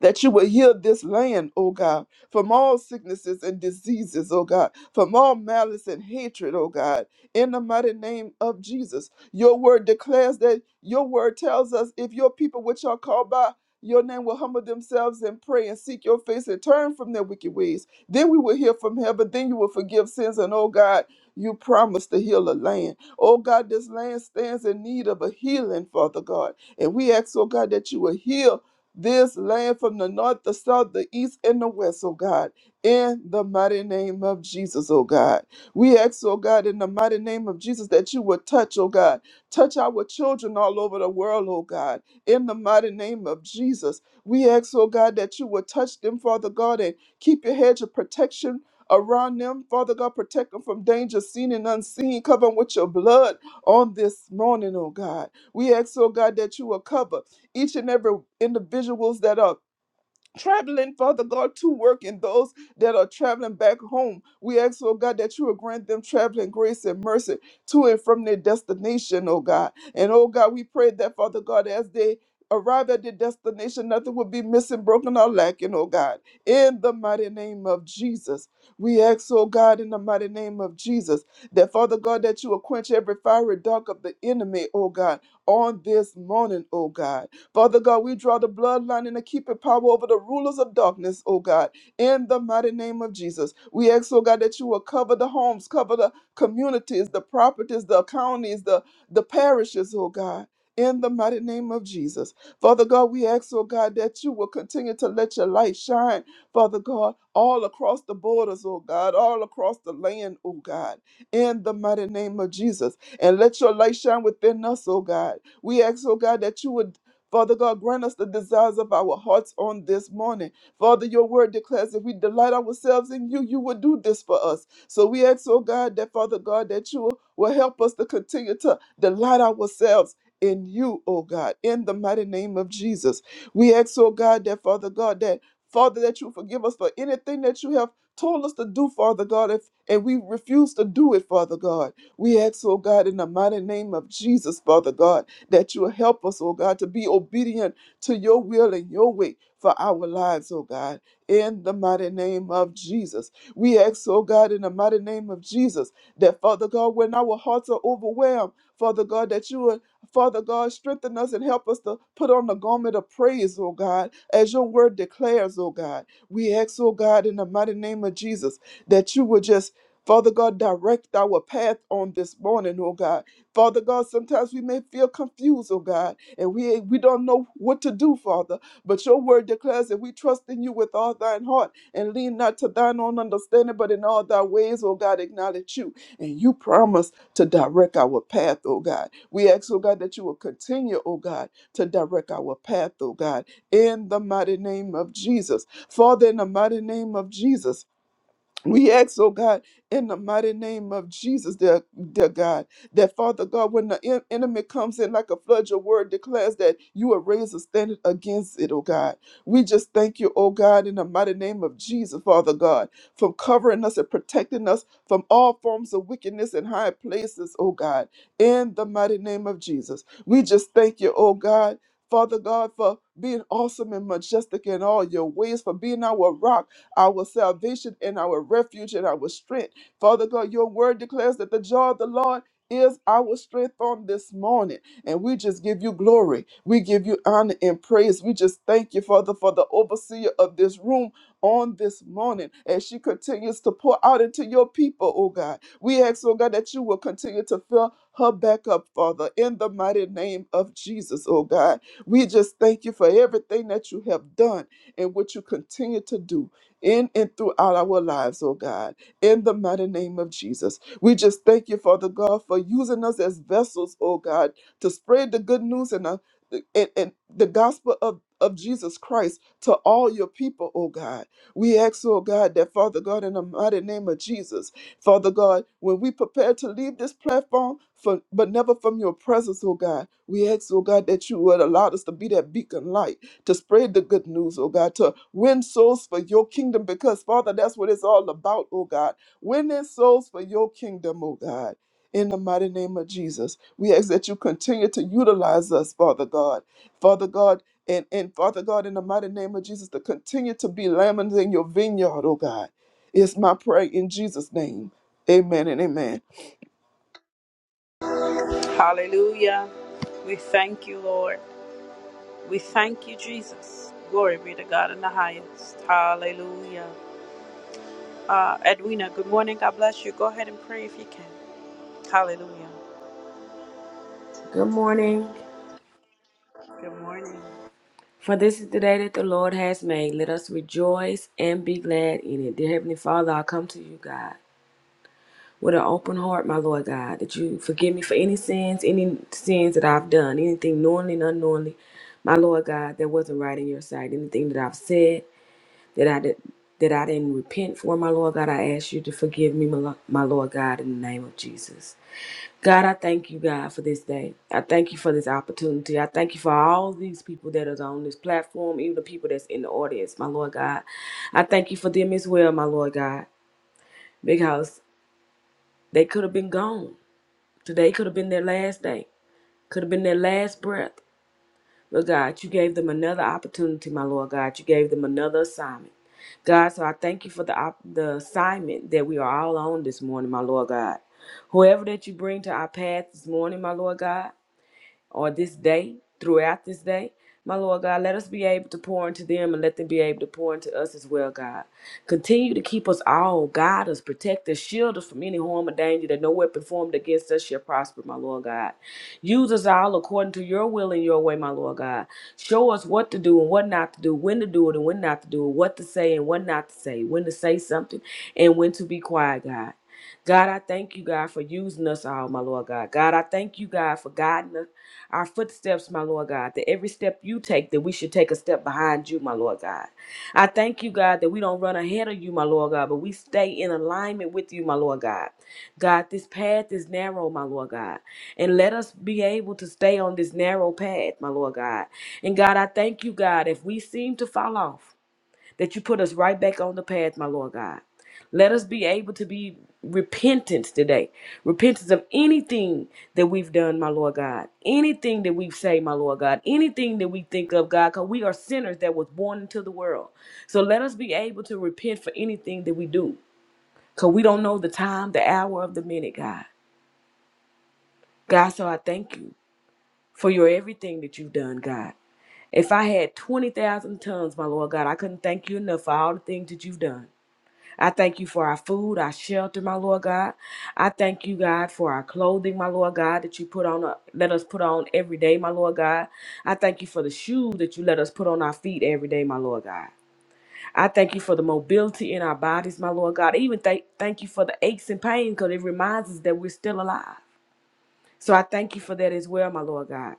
S4: that you will heal this land, O God, from all sicknesses and diseases, O God, from all malice and hatred, O God, in the mighty name of Jesus. Your word declares that your word tells us if your people, which are called by your name, will humble themselves and pray and seek your face and turn from their wicked ways, then we will hear from heaven, then you will forgive sins, and O God, you promise to heal the land. Oh God, this land stands in need of a healing, Father God. And we ask, oh God, that you will heal this land from the north, the south, the east, and the west, oh God, in the mighty name of Jesus, oh God. We ask, oh God, in the mighty name of Jesus, that you would touch, oh God, touch our children all over the world, oh God, in the mighty name of Jesus. We ask, oh God, that you would touch them, Father God, and keep your hedge of protection. Around them, Father God, protect them from danger seen and unseen. Cover them with your blood on this morning, oh God. We ask, oh God, that you will cover each and every individuals that are traveling, Father God, to work and those that are traveling back home. We ask, oh God, that you will grant them traveling grace and mercy to and from their destination, oh God. And oh God, we pray that, Father God, as they arrive at their destination, nothing will be missing, broken, or lacking, oh God. In the mighty name of Jesus. We ask, oh God, in the mighty name of Jesus, that Father God, that you will quench every fiery dark of the enemy, oh God, on this morning, oh God Father God, we draw the bloodline and the keeping power over the rulers of darkness, oh God, in the mighty name of Jesus. We ask, oh God, that you will cover the homes, cover the communities, the properties, the counties, the, the parishes, oh God. In the mighty name of Jesus. Father God, we ask, oh God, that you will continue to let your light shine, Father God, all across the borders, oh God, all across the land, oh God, in the mighty name of Jesus. And let your light shine within us, oh God. We ask, oh God, that you would Father God, grant us the desires of our hearts on this morning. Father, your word declares if we delight ourselves in you, you will do this for us. So we ask, oh God, that Father God, that you will will help us to continue to delight ourselves in you, oh God, in the mighty name of Jesus. We ask, oh God, that Father God, that Father, that you forgive us for anything that you have told us to do, Father God, if and we refuse to do it, Father God. We ask, oh God, in the mighty name of Jesus, Father God that you will help us, oh God, to be obedient to your will and your way for our lives, oh God, in the mighty name of Jesus. We ask, oh God, in the mighty name of Jesus, that Father God, when our hearts are overwhelmed, Father God, that you would, Father God, strengthen us and help us to put on the garment of praise, oh God, as your word declares, oh God. We ask, oh God, in the mighty name of Jesus, that you would just Father God, direct our path on this morning, oh God. Father God, sometimes we may feel confused, oh God, and we we don't know what to do, Father. But your word declares that we trust in you with all thine heart and lean not to thine own understanding, but in all thy ways, oh God, acknowledge you. And you promise to direct our path, oh God. We ask, oh God, that you will continue, oh God, to direct our path, oh God, in the mighty name of Jesus. Father, in the mighty name of Jesus. We ask, oh God, in the mighty name of Jesus, dear, dear God, that Father God, when the en- enemy comes in like a flood, your word declares that you will raise a standard against it, oh God. We just thank you, oh God, in the mighty name of Jesus, Father God, for covering us and protecting us from all forms of wickedness in high places, oh God, in the mighty name of Jesus. We just thank you, oh God. Father God, for being awesome and majestic in all your ways, for being our rock our salvation and our refuge and our strength. Father God, your word declares that the joy of the Lord is our strength on this morning. And we just give you glory. We give you honor and praise. We just thank you, Father, for the overseer of this room on this morning as she continues to pour out into your people, oh God. We ask, oh God, that you will continue to fill her back up, Father, in the mighty name of Jesus, oh God. We just thank you for everything that you have done and what you continue to do in and throughout our lives, oh God, in the mighty name of Jesus. We just thank you, Father God, for using us as vessels, oh God, to spread the good news and, uh, and, and the gospel of, of Jesus Christ to all your people, oh God. We ask, oh God, that Father God, in the mighty name of Jesus, Father God, when we prepare to leave this platform, for, but never from your presence, oh God, we ask, oh God, that you would allow us to be that beacon light to spread the good news, oh God, to win souls for your kingdom, because Father, that's what it's all about, oh God. Winning souls for your kingdom, oh God. In the mighty name of Jesus, we ask that you continue to utilize us, Father God. Father God, and, and Father God, in the mighty name of Jesus, to continue to be lambs in your vineyard, oh God. It's my prayer in Jesus' name. Amen and amen.
S1: Hallelujah. We thank you, Lord. We thank you, Jesus. Glory be to God in the highest. Hallelujah. Uh, Edwina, good morning. God bless you. Go ahead and pray if you can. Hallelujah.
S5: Good morning.
S1: Good morning.
S5: For this is the day that the Lord has made. Let us rejoice and be glad in it. Dear Heavenly Father, I come to you, God, with an open heart, my Lord God, that you forgive me for any sins, any sins that I've done, anything knowingly and unknowingly, my Lord God, that wasn't right in your sight, anything that I've said that I did. That I didn't repent for, my Lord God, I ask you to forgive me, my Lo- my Lord God, in the name of Jesus. God, I thank you, God, for this day. I thank you for this opportunity. I thank you for all these people that is on this platform, even the people that's in the audience, my Lord God. I thank you for them as well, my Lord God, because they could have been gone. Today could have been their last day, could have been their last breath. But God, you gave them another opportunity, my Lord God. You gave them another assignment. God, so I thank you for the op- the assignment that we are all on this morning, my Lord God. Whoever that you bring to our path this morning, my Lord God. on this day, throughout this day. My Lord God, let us be able to pour into them and let them be able to pour into us as well, God. Continue to keep us all, guide us, protect us, shield us from any harm or danger that no weapon formed against us shall prosper, my Lord God. Use us all according to your will and your way, my Lord God. Show us what to do and what not to do, when to do it and when not to do it, what to say and what not to say, when to say something and when to be quiet, God. God, I thank you, God, for using us all, my Lord God. God, I thank you, God, for guiding us, our footsteps, my Lord God, that every step you take, that we should take a step behind you, my Lord God. I thank you, God, that we don't run ahead of you, my Lord God, but we stay in alignment with you, my Lord God. God, this path is narrow, my Lord God, and let us be able to stay on this narrow path, my Lord God. And God, I thank you, God, if we seem to fall off that you put us right back on the path, my Lord God. Let us be able to be repentance today. Repentance of anything that we've done, my Lord God. Anything that we've said, my Lord God. Anything that we think of, God, because we are sinners that was born into the world. So let us be able to repent for anything that we do. Because we don't know the time, the hour of the minute, God. God, so I thank you for your everything that you've done, God. If I had 20,000 tongues, my Lord God, I couldn't thank you enough for all the things that you've done. I thank you for our food, our shelter, my Lord God. I thank you, God, for our clothing, my Lord God, that you put on, uh, let us put on every day, my Lord God. I thank you for the shoes that you let us put on our feet every day, my Lord God. I thank you for the mobility in our bodies, my Lord God. I even thank thank you for the aches and pain because it reminds us that we're still alive. So I thank you for that as well, my Lord God.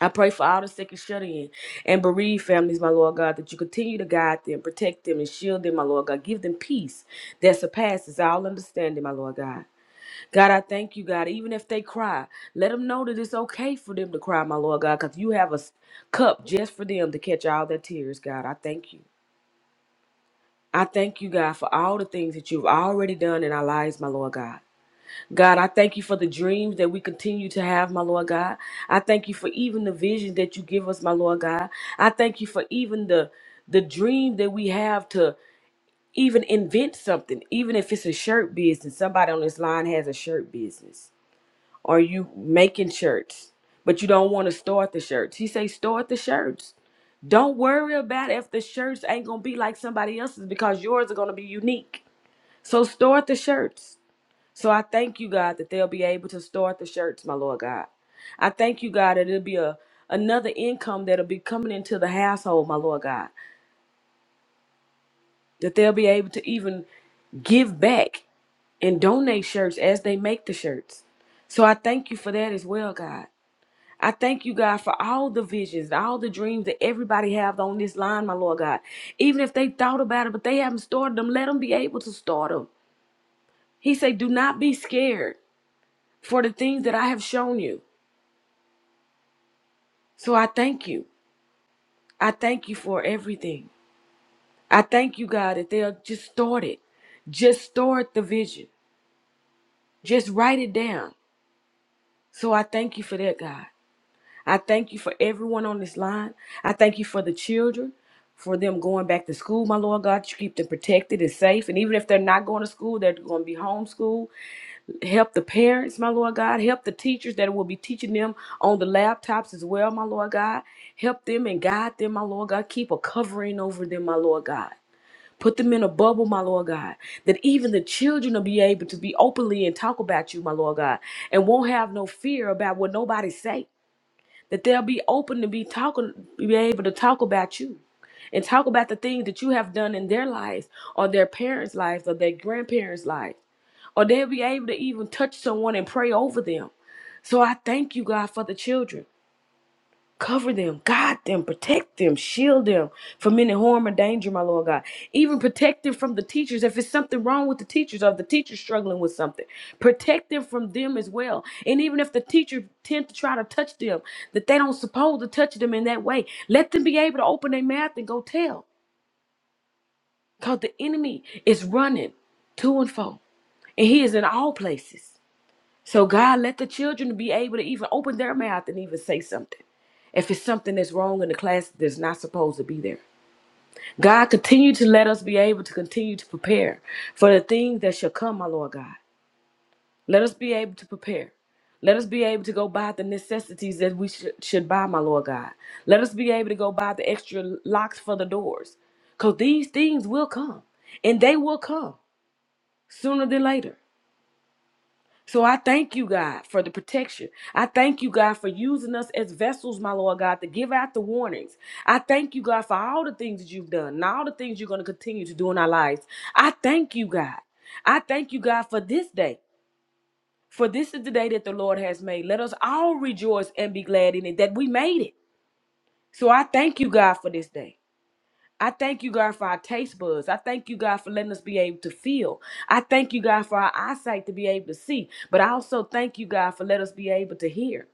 S5: I pray for all the sick and shut in and bereaved families, my Lord God, that you continue to guide them, protect them, and shield them, my Lord God. Give them peace that surpasses all understanding, my Lord God. God, I thank you, God. Even if they cry, let them know that it's okay for them to cry, my Lord God, because you have a s- cup just for them to catch all their tears, God. I thank you. I thank you, God, for all the things that you've already done in our lives, my Lord God. God, I thank you for the dreams that we continue to have, my Lord God. I thank you for even the vision that you give us, my Lord God. I thank you for even the the dream that we have to even invent something, even if it's a shirt business. Somebody on this line has a shirt business, or you making shirts, but you don't want to start the shirts. He say start the shirts. Don't worry about if the shirts ain't gonna be like somebody else's because yours are gonna be unique. So start the shirts. So I thank you, God, that they'll be able to start the shirts, my Lord God. I thank you, God, that it'll be a another income that'll be coming into the household, my Lord God. That they'll be able to even give back and donate shirts as they make the shirts. So I thank you for that as well, God. I thank you, God, for all the visions, all the dreams that everybody have on this line, my Lord God. Even if they thought about it, but they haven't started them, let them be able to start them. He said, Do not be scared for the things that I have shown you. So I thank you. I thank you for everything. I thank you, God, that they'll just start it. Just start the vision. Just write it down. So I thank you for that, God. I thank you for everyone on this line. I thank you for the children, for them going back to school, my Lord God. You keep them protected and safe. And even if they're not going to school, they're going to be homeschooled. Help the parents, my Lord God. Help the teachers that will be teaching them on the laptops as well, my Lord God. Help them and guide them, my Lord God. Keep a covering over them, my Lord God. Put them in a bubble, my Lord God, that even the children will be able to be openly and talk about you, my Lord God, and won't have no fear about what nobody say. That they'll be open to be talking, be able to talk about you, and talk about the things that you have done in their lives, or their parents' lives, or their grandparents' lives or they'll be able to even touch someone and pray over them. So I thank you, God, for the children. Cover them, guide them, protect them, shield them from any harm or danger, my Lord God. Even protect them from the teachers. If it's something wrong with the teachers or if the teacher's struggling with something, protect them from them as well. And even if the teacher tend to try to touch them, that they don't supposed to touch them in that way, let them be able to open their mouth and go tell. Because the enemy is running to and fro, and he is in all places. So God, let the children be able to even open their mouth and even say something. If it's something that's wrong in the class that's not supposed to be there. God, continue to let us be able to continue to prepare for the things that shall come, my Lord God. Let us be able to prepare. Let us be able to go buy the necessities that we should, should buy, my Lord God. Let us be able to go buy the extra locks for the doors. Because these things will come, and they will come sooner than later. So I thank you, God, for the protection. I thank you, God, for using us as vessels, my Lord God, to give out the warnings. I thank you, God, for all the things that you've done and all the things you're going to continue to do in our lives. I thank you, God. I thank you, God, for this day. For this is the day that the Lord has made. Let us all rejoice and be glad in it that we made it. So I thank you, God, for this day. I thank you, God, for our taste buds. I thank you, God, for letting us be able to feel. I thank you, God, for our eyesight to be able to see. But I also thank you, God, for letting us be able to hear.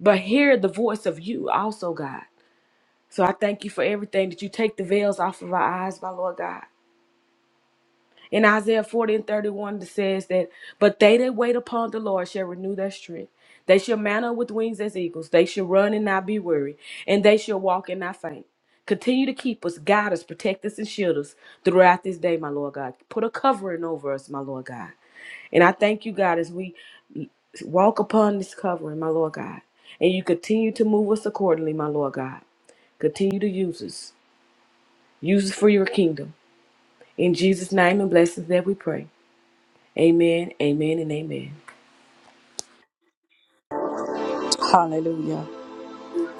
S5: But hear the voice of you also, God. So I thank you for everything that you take the veils off of our eyes, my Lord God. In Isaiah 40 and 31, it says that, But they that wait upon the Lord shall renew their strength. They shall mount up with wings as eagles. They shall run and not be weary. And they shall walk and not faint. Continue to keep us, guide us, protect us, and shield us throughout this day, my Lord God. Put a covering over us, my Lord God. And I thank you, God, as we walk upon this covering, my Lord God. And you continue to move us accordingly, my Lord God. Continue to use us. Use us for your kingdom. In Jesus' name and blessings that we pray. Amen, amen, and amen.
S1: Hallelujah.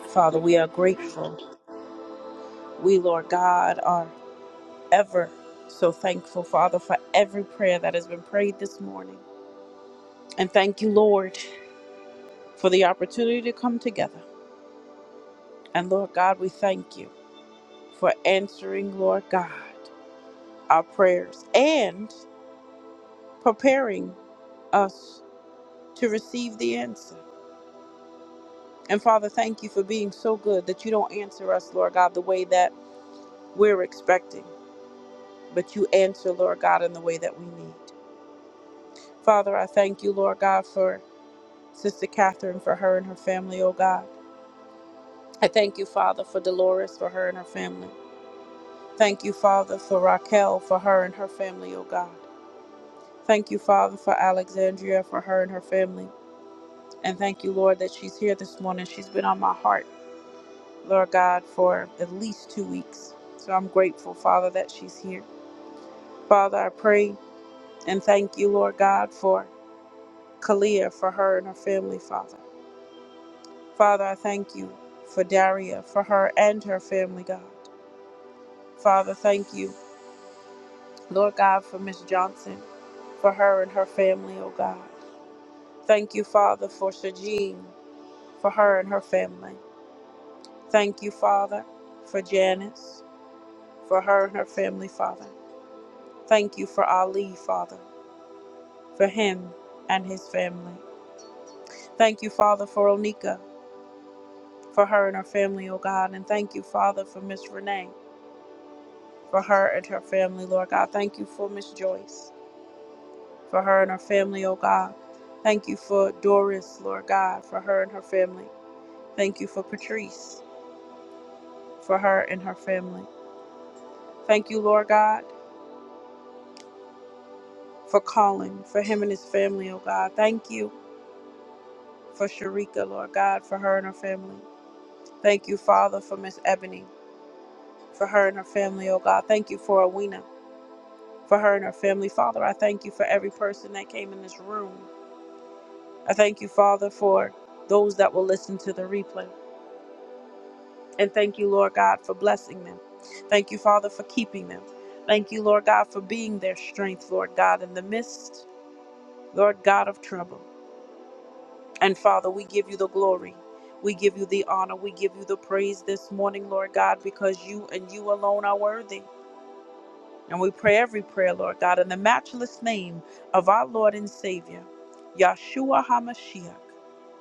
S1: Father, we are grateful. We, Lord God, are ever so thankful, Father, for every prayer that has been prayed this morning. And thank you, Lord, for the opportunity to come together. And Lord God, we thank you for answering, Lord God, our prayers and preparing us to receive the answer. And Father, thank you for being so good that you don't answer us, Lord God, the way that we're expecting, but you answer, Lord God, in the way that we need. Father, I thank you, Lord God, for Sister Catherine, for her and her family, oh God. I thank you, Father, for Dolores, for her and her family. Thank you, Father, for Raquel, for her and her family, oh God. Thank you, Father, for Alexandria, for her and her family. And thank you, Lord, that she's here this morning. She's been on my heart, Lord God, for at least two weeks. So I'm grateful, Father, that she's here. Father, I pray and thank you, Lord God, for Kalia, for her and her family, Father. Father, I thank you for Daria, for her and her family, God. Father, thank you Lord God, for Miss Johnson, for her and her family, oh God. Thank you, Father, for Sajin, for her and her family. Thank you, Father, for Janice, for her and her family, Father. Thank you for Ali, Father, for him and his family. Thank you, Father, for Onika, for her and her family, oh God. And thank you, Father, for Miss Renee, for her and her family, Lord God. Thank you for Miss Joyce. for her and her family, oh God. Thank you for Doris, Lord God, for her and her family. Thank you for Patrice, for her and her family. Thank you, Lord God, for Colin, for him and his family, oh God. Thank you for Sharika, Lord God, for her and her family. Thank you, Father, for Miss Ebony, for her and her family, oh God. Thank you for Awena, for her and her family. Father, I thank you for every person that came in this room. I thank you, Father, for those that will listen to the replay. And thank you, Lord God, for blessing them. Thank you, Father, for keeping them. Thank you, Lord God, for being their strength, Lord God, in the midst, Lord God, of trouble. And Father, we give you the glory. We give you the honor. We give you the praise this morning, Lord God, because you and you alone are worthy. And we pray every prayer, Lord God, in the matchless name of our Lord and Savior, Yahshua HaMashiach,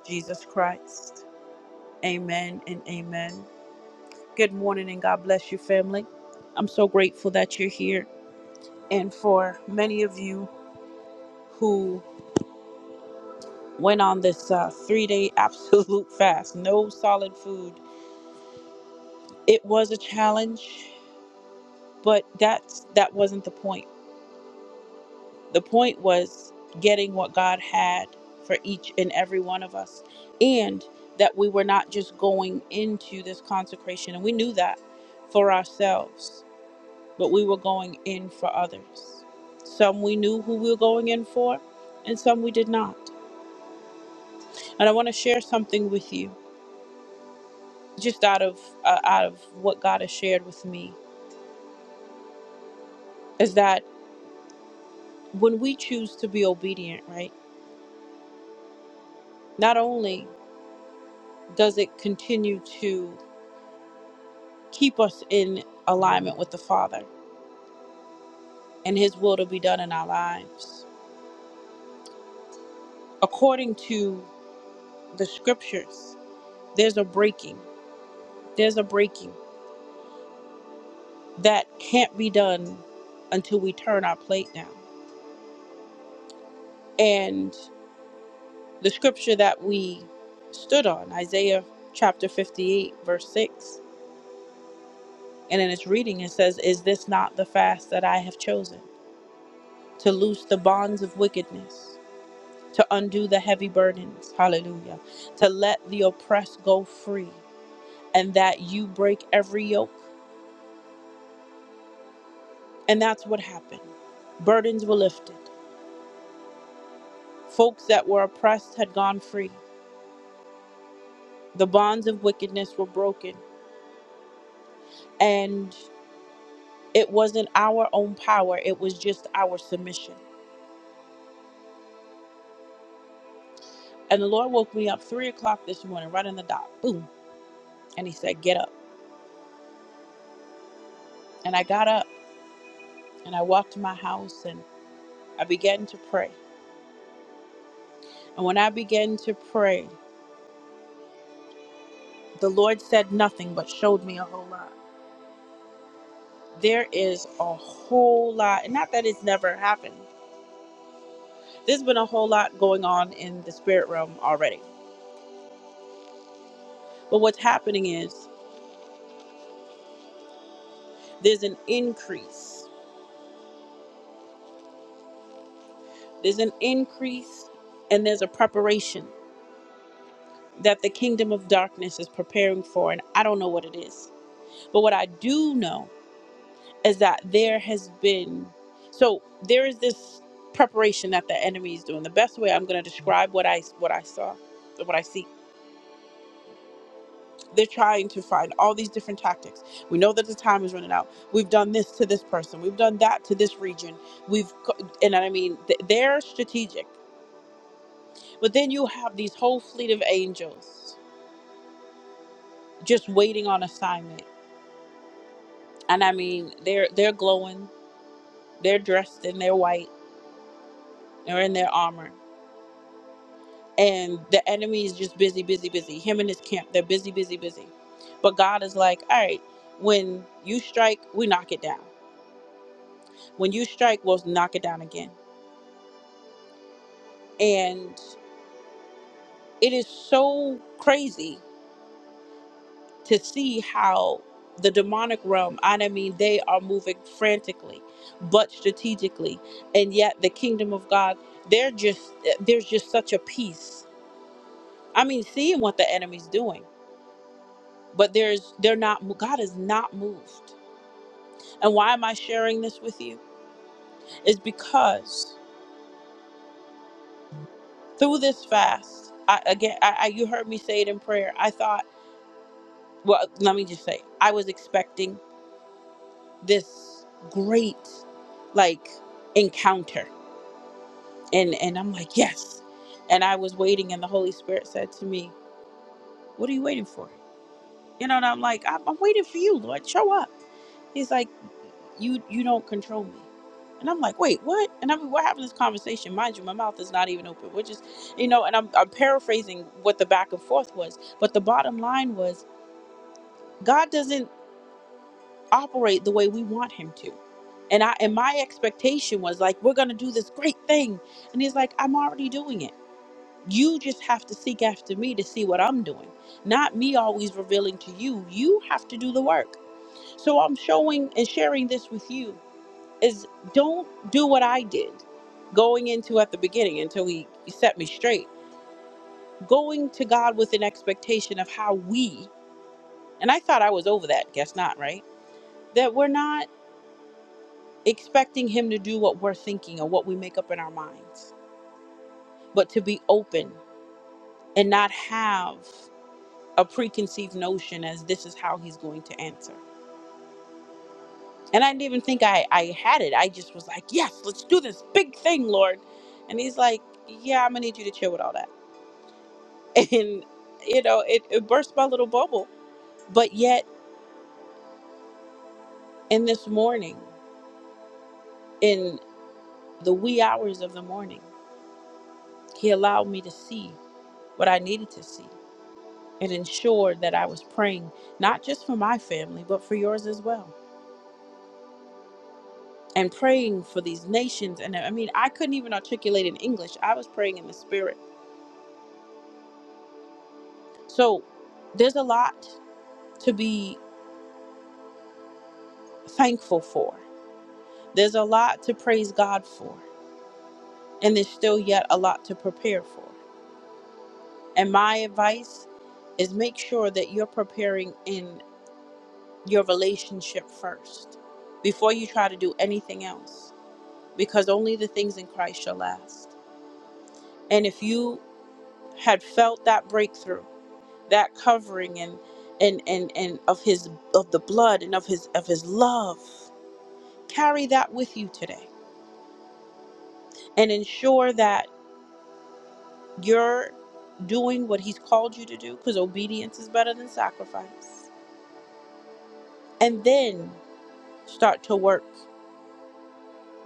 S1: Jesus Christ. Amen and amen. Good morning and God bless you, family. I'm so grateful that you're here. And for many of you who went on this uh, three day absolute fast, no solid food, it was a challenge, but that's, that wasn't the point. The point was getting what God had for each and every one of us, and that we were not just going into this consecration, and we knew that for ourselves but we were going in for others. Some we knew who we were going in for, and some we did not. And I want to share something with you, just out of uh, out of what God has shared with me, is that when we choose to be obedient, right? Not only does it continue to keep us in alignment with the Father and His will to be done in our lives, according to the Scriptures, there's a breaking. There's a breaking that can't be done until we turn our plate down. And the scripture that we stood on, Isaiah chapter 58, verse 6, and in its reading it says, Is this not the fast that I have chosen? To loose the bonds of wickedness, to undo the heavy burdens, hallelujah, to let the oppressed go free, and that you break every yoke. And that's what happened. Burdens were lifted, folks that were oppressed had gone free The bonds of wickedness were broken, and it wasn't our own power, it was just our submission. And the Lord woke me up three o'clock this morning, right in the dot, boom. And He said, Get up. And I got up and I walked to my house and I began to pray. And when I began to pray, the Lord said nothing but showed me a whole lot. There is a whole lot, and not that it's never happened. There's been a whole lot going on in the spirit realm already. But what's happening is there's an increase There's an increase and there's a preparation that the kingdom of darkness is preparing for, and I don't know what it is. But what I do know is that there has been, so there is this preparation that the enemy is doing. The best way I'm going to describe what I what I saw, what I see, they're trying to find all these different tactics. We know that the time is running out. We've done this to this person. We've done that to this region. We've, co- and I mean, th- they're strategic. But then you have these whole fleet of angels just waiting on assignment. And I mean, they're they're glowing, they're dressed in their white, they're in their armor, and the enemy is just busy, busy, busy. Him and his camp, they're busy, busy, busy. But God is like, all right, when you strike, we knock it down. When you strike, we'll knock it down again. And it is so crazy to see how the demonic realm, and I mean, they are moving frantically, but strategically, and yet the kingdom of God, they're just there's just such a peace. I mean, seeing what the enemy's doing, but there's they're not. God is not moved. And why am I sharing this with you? Is because through this fast, I, again, I, I, you heard me say it in prayer. I thought, well, let me just say, I was expecting this great, like, encounter and and I'm like, yes. And I was waiting, and the Holy Spirit said to me, "What are you waiting for?" You know, and I'm like, "I'm, I'm waiting for you, Lord. Show up." He's like, "You you don't control me." And I'm like, wait, what? And I mean, we're having this conversation. Mind you, my mouth is not even open, We're just, you know, and I'm, I'm paraphrasing what the back and forth was. But the bottom line was God doesn't operate the way we want him to. And I and my expectation was like, we're gonna do this great thing. And he's like, I'm already doing it. You just have to seek after me to see what I'm doing, not me always revealing to you. You have to do the work. So I'm showing and sharing this with you is don't do what I did going into at the beginning until he, he set me straight. Going to God with an expectation of how we, and I thought I was over that, guess not, right? That we're not expecting him to do what we're thinking or what we make up in our minds, but to be open and not have a preconceived notion as this is how he's going to answer. And I didn't even think I, I had it. I just was like, yes, let's do this big thing, Lord. And he's like, yeah, I'm going to need you to chill with all that. And, you know, it, it burst my little bubble. But yet, in this morning, in the wee hours of the morning, he allowed me to see what I needed to see and ensured that I was praying not just for my family, but for yours as well. and praying for these nations. And I mean, I couldn't even articulate in English. I was praying in the spirit. So there's a lot to be thankful for, there's a lot to praise God for, and there's still yet a lot to prepare for. And my advice is make sure that you're preparing in your relationship first before you try to do anything else, because only the things in Christ shall last. And if you had felt that breakthrough, that covering and and and and of his of the blood and of his of his love carry that with you today and ensure that you're doing what he's called you to do because obedience is better than sacrifice and then start to work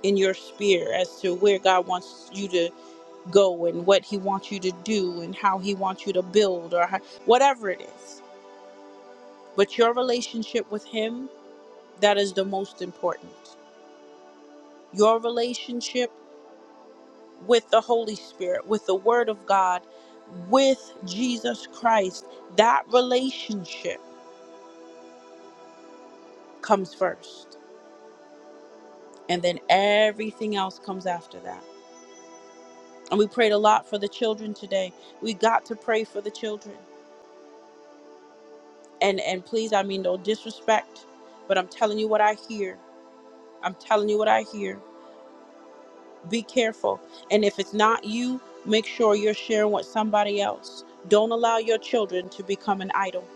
S1: in your sphere as to where god wants you to go and what he wants you to do and how he wants you to build or how, whatever it is but your relationship with him that is the most important your relationship with the Holy Spirit, with the Word of God, with Jesus Christ. That relationship comes first, and then everything else comes after that. And we prayed a lot for the children today. We got to pray for the children. And and please, I mean no disrespect, but I'm telling you what I hear. I'm telling you what I hear. Be careful. And if it's not you, make sure you're sharing with somebody else. Don't allow your children to become an idol.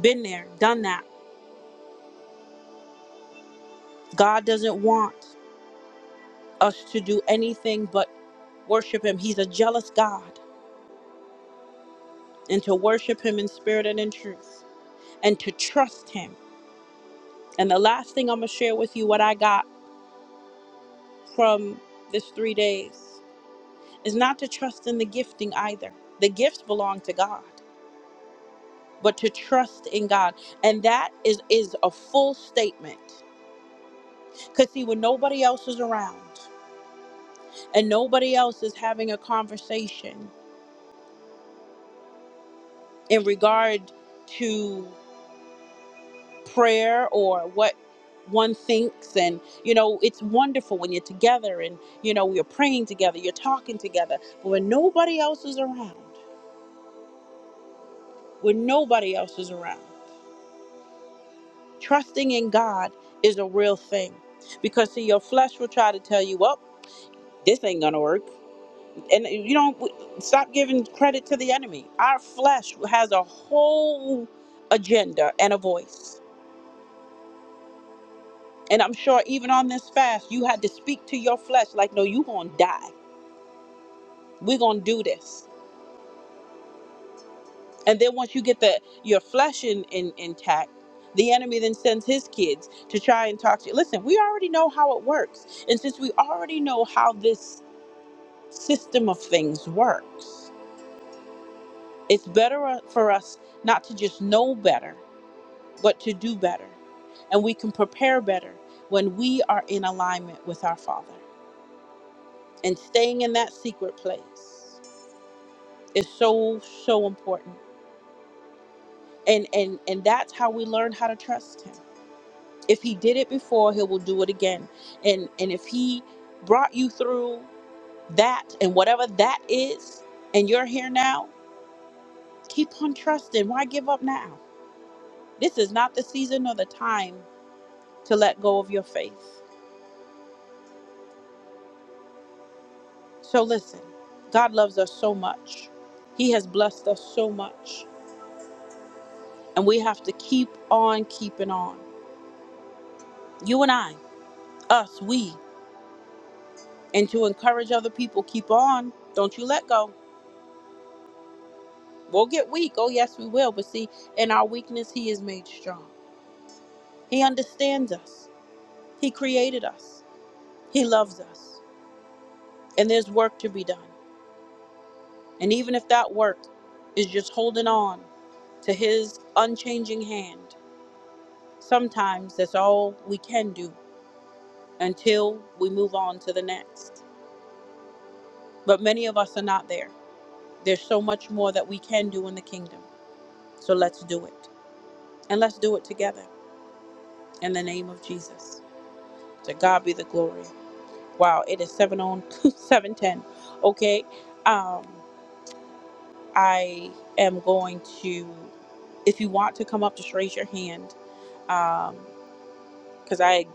S1: Been there, done that God doesn't want us to do anything but worship Him. He's a jealous God, and to worship Him in spirit and in truth, and to trust Him. And the last thing I'm going to share with you, what I got from this three days, is not to trust in the gifting either. The gifts belong to God, but to trust in God. And that is, is a full statement. Because, see, when nobody else is around and nobody else is having a conversation in regard to prayer or what one thinks and you know it's wonderful when you're together and you know we're praying together you're talking together but when nobody else is around when nobody else is around trusting in god is a real thing because see your flesh will try to tell you well this ain't gonna work and you don't stop giving credit to the enemy our flesh has a whole agenda and a voice and i'm sure even on this fast you had to speak to your flesh like no you gonna die we're gonna do this and then once you get the your flesh in, in intact the enemy then sends his kids to try and talk to you listen we already know how it works and since we already know how this system of things works it's better uh, for us not to just know better but to do better and we can prepare better when we are in alignment with our father and staying in that secret place is so so important and and and that's how we learn how to trust him if he did it before he will do it again and and if he brought you through that and whatever that is and you're here now keep on trusting why give up now this is not the season or the time to let go of your faith so listen god loves us so much he has blessed us so much and we have to keep on keeping on you and i us we and to encourage other people keep on don't you let go We'll get weak. Oh, yes, we will. But see, in our weakness, He is made strong. He understands us. He created us. He loves us. And there's work to be done. And even if that work is just holding on to His unchanging hand, sometimes that's all we can do until we move on to the next. But many of us are not there. There's so much more that we can do in the kingdom. So let's do it. And let's do it together in the name of Jesus. To God be the glory. Wow, it is seven on seven ten. Okay. Um, I am going to if you want to come up, just raise your hand. Um, because I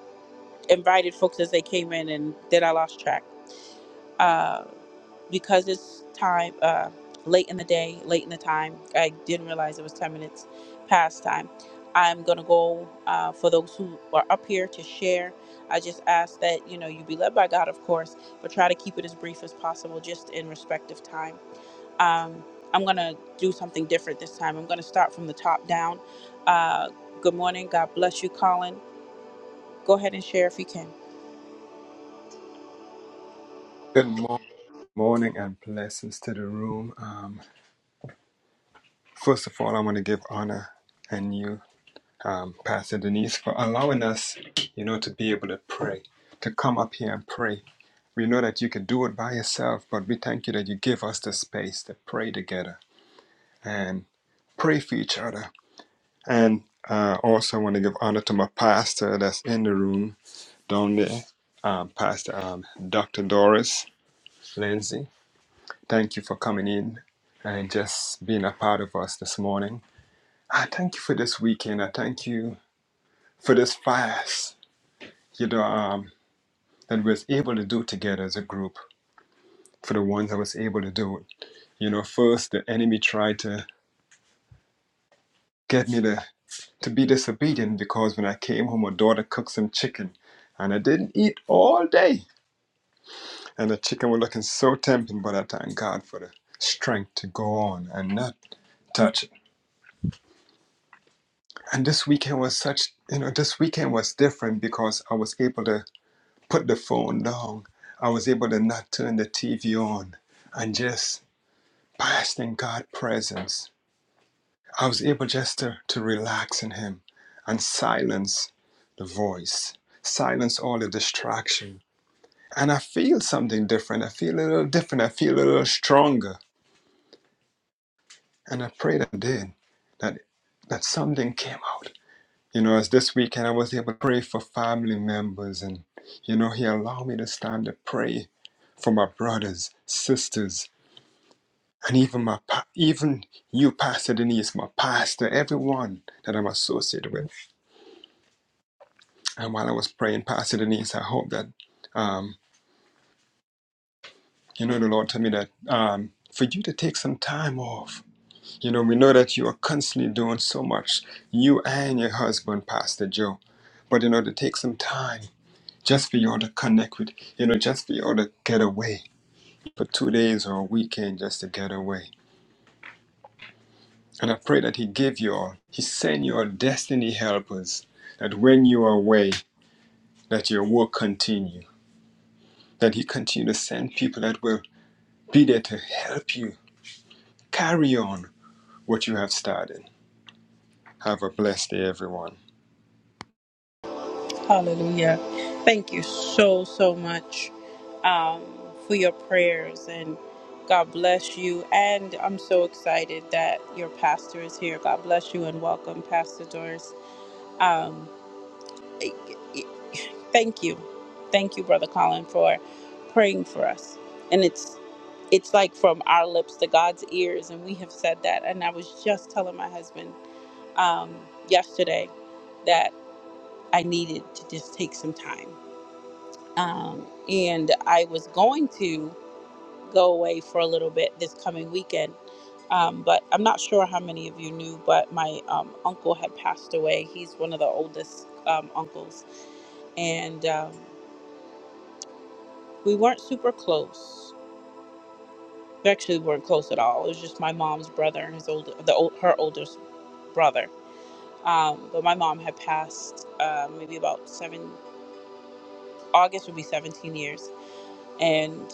S1: invited folks as they came in and then I lost track. Uh, because it's time uh, late in the day, late in the time. I didn't realize it was 10 minutes past time. I'm gonna go uh, for those who are up here to share. I just ask that you know you be led by God, of course, but try to keep it as brief as possible, just in respect of time. Um, I'm gonna do something different this time. I'm gonna start from the top down. Uh, good morning. God bless you, Colin. Go ahead and share if you can.
S2: Good mo- morning and blessings to the room. Um, First of all, I want to give honor and you, um, Pastor Denise, for allowing us, you know, to be able to pray, to come up here and pray. We know that you can do it by yourself, but we thank you that you give us the space to pray together and pray for each other. And uh, also, want to give honor to my pastor that's in the room down there, um, Pastor um, Dr. Doris Lindsay. Thank you for coming in and just being a part of us this morning. I thank you for this weekend. I thank you for this fast, you know, um, that we was able to do together as a group. For the ones I was able to do it, you know, first the enemy tried to get me to to be disobedient because when I came home, my daughter cooked some chicken, and I didn't eat all day, and the chicken was looking so tempting. But I thank God for the strength to go on and not touch it. And this weekend was such, you know, this weekend was different because I was able to put the phone down. I was able to not turn the TV on and just bask in God's presence. I was able just to, to relax in Him and silence the voice, silence all the distraction. And I feel something different. I feel a little different. I feel a little stronger. And I prayed and did that that something came out. You know, as this weekend I was able to pray for family members, and you know, He allowed me to stand to pray for my brothers, sisters, and even my pa- even you, Pastor Denise, my pastor, everyone that I'm associated with. And while I was praying, Pastor Denise, I hope that um, you know the Lord told me that um, for you to take some time off. You know, we know that you are constantly doing so much, you and your husband, Pastor Joe, but you know to take some time just for y'all to connect with, you know, just for y'all to get away for two days or a weekend just to get away. And I pray that He give you all, He send you all destiny helpers, that when you are away, that your work continue, that He continue to send people that will be there to help you carry on what you have started. Have a blessed day, everyone.
S1: Hallelujah. Thank you so, so much um, for your prayers and God bless you. And I'm so excited that your pastor is here. God bless you and welcome, Pastor Doris. Um, e- e- thank you. Thank you, Brother Colin, for praying for us. And it's it's like from our lips to God's ears, and we have said that. And I was just telling my husband um, yesterday that I needed to just take some time um, and I was going to go away for a little bit this coming weekend. Um, but I'm not sure how many of you knew, but my um, uncle had passed away. He's one of the oldest um, uncles, and um, we weren't super close. We actually weren't close at all. It was just my mom's brother and his old, the old, her oldest brother. Um, but my mom had passed uh, maybe about seven. August would be 17 years, and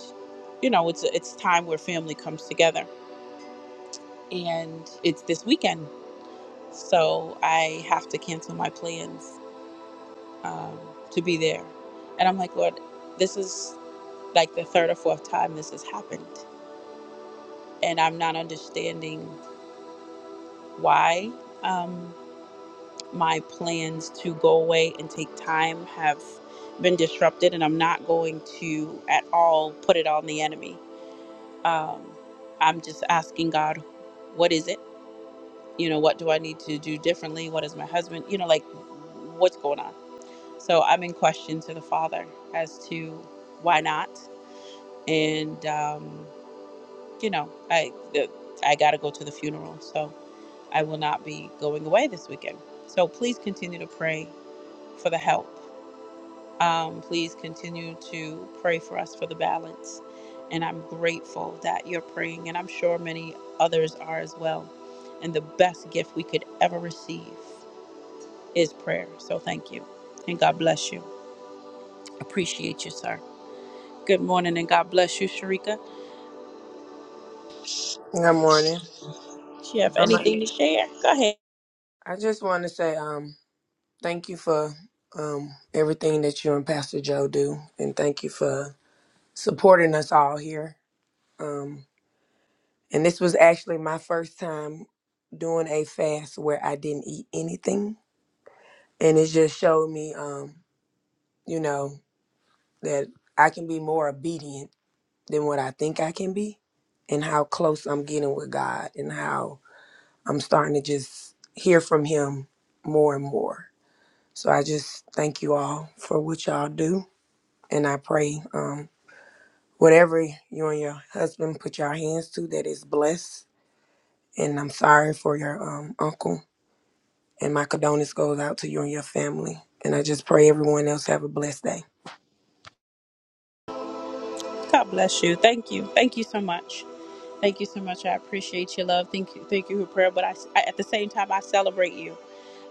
S1: you know it's it's time where family comes together and it's this weekend. So I have to cancel my plans um, to be there. And I'm like, Lord, this is like the third or fourth time this has happened. And I'm not understanding why um, my plans to go away and take time have been disrupted. And I'm not going to at all put it on the enemy. Um, I'm just asking God, what is it? you know what do i need to do differently what is my husband you know like what's going on so i'm in question to the father as to why not and um, you know i the, i gotta go to the funeral so i will not be going away this weekend so please continue to pray for the help um, please continue to pray for us for the balance and i'm grateful that you're praying and i'm sure many others are as well and the best gift we could ever receive is prayer. So thank you. And God bless you. Appreciate you, sir. Good morning and God bless you, Sharika.
S3: Good morning.
S1: Do you have
S3: Um,
S1: anything to share? Go ahead.
S3: I I just want to say um, thank you for um, everything that you and Pastor Joe do, and thank you for supporting us all here. Um, and this was actually my first time doing a fast where I didn't eat anything. and it just showed me um you know that i can be more obedient than what i think i can be and how close i'm getting with god and how i'm starting to just hear from him more and more so i just thank you all for what y'all do and i pray um whatever you and your husband put your hands to that is blessed and i'm sorry for your um uncle and my condolences goes out to you and your family and i just pray everyone else have a blessed day
S1: God bless you. Thank you. Thank you so much. Thank you so much. I appreciate your love. Thank you. Thank you for prayer. But I, I- at the same time, I celebrate you.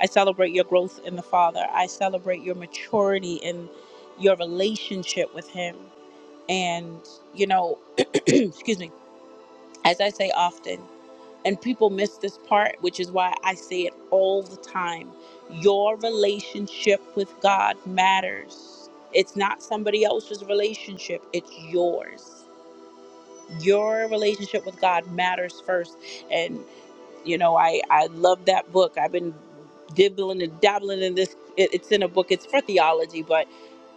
S1: I celebrate your growth in the Father. I celebrate your maturity in your relationship with Him. And, you know, excuse me, as I say often, And people miss this part, which is why I say it all the time. Your relationship with God matters. It's not somebody else's relationship, it's yours. Your relationship with God matters first. And, you know, I, I love that book. I've been dibbling and dabbling in this. It, it's in a book, it's for theology, but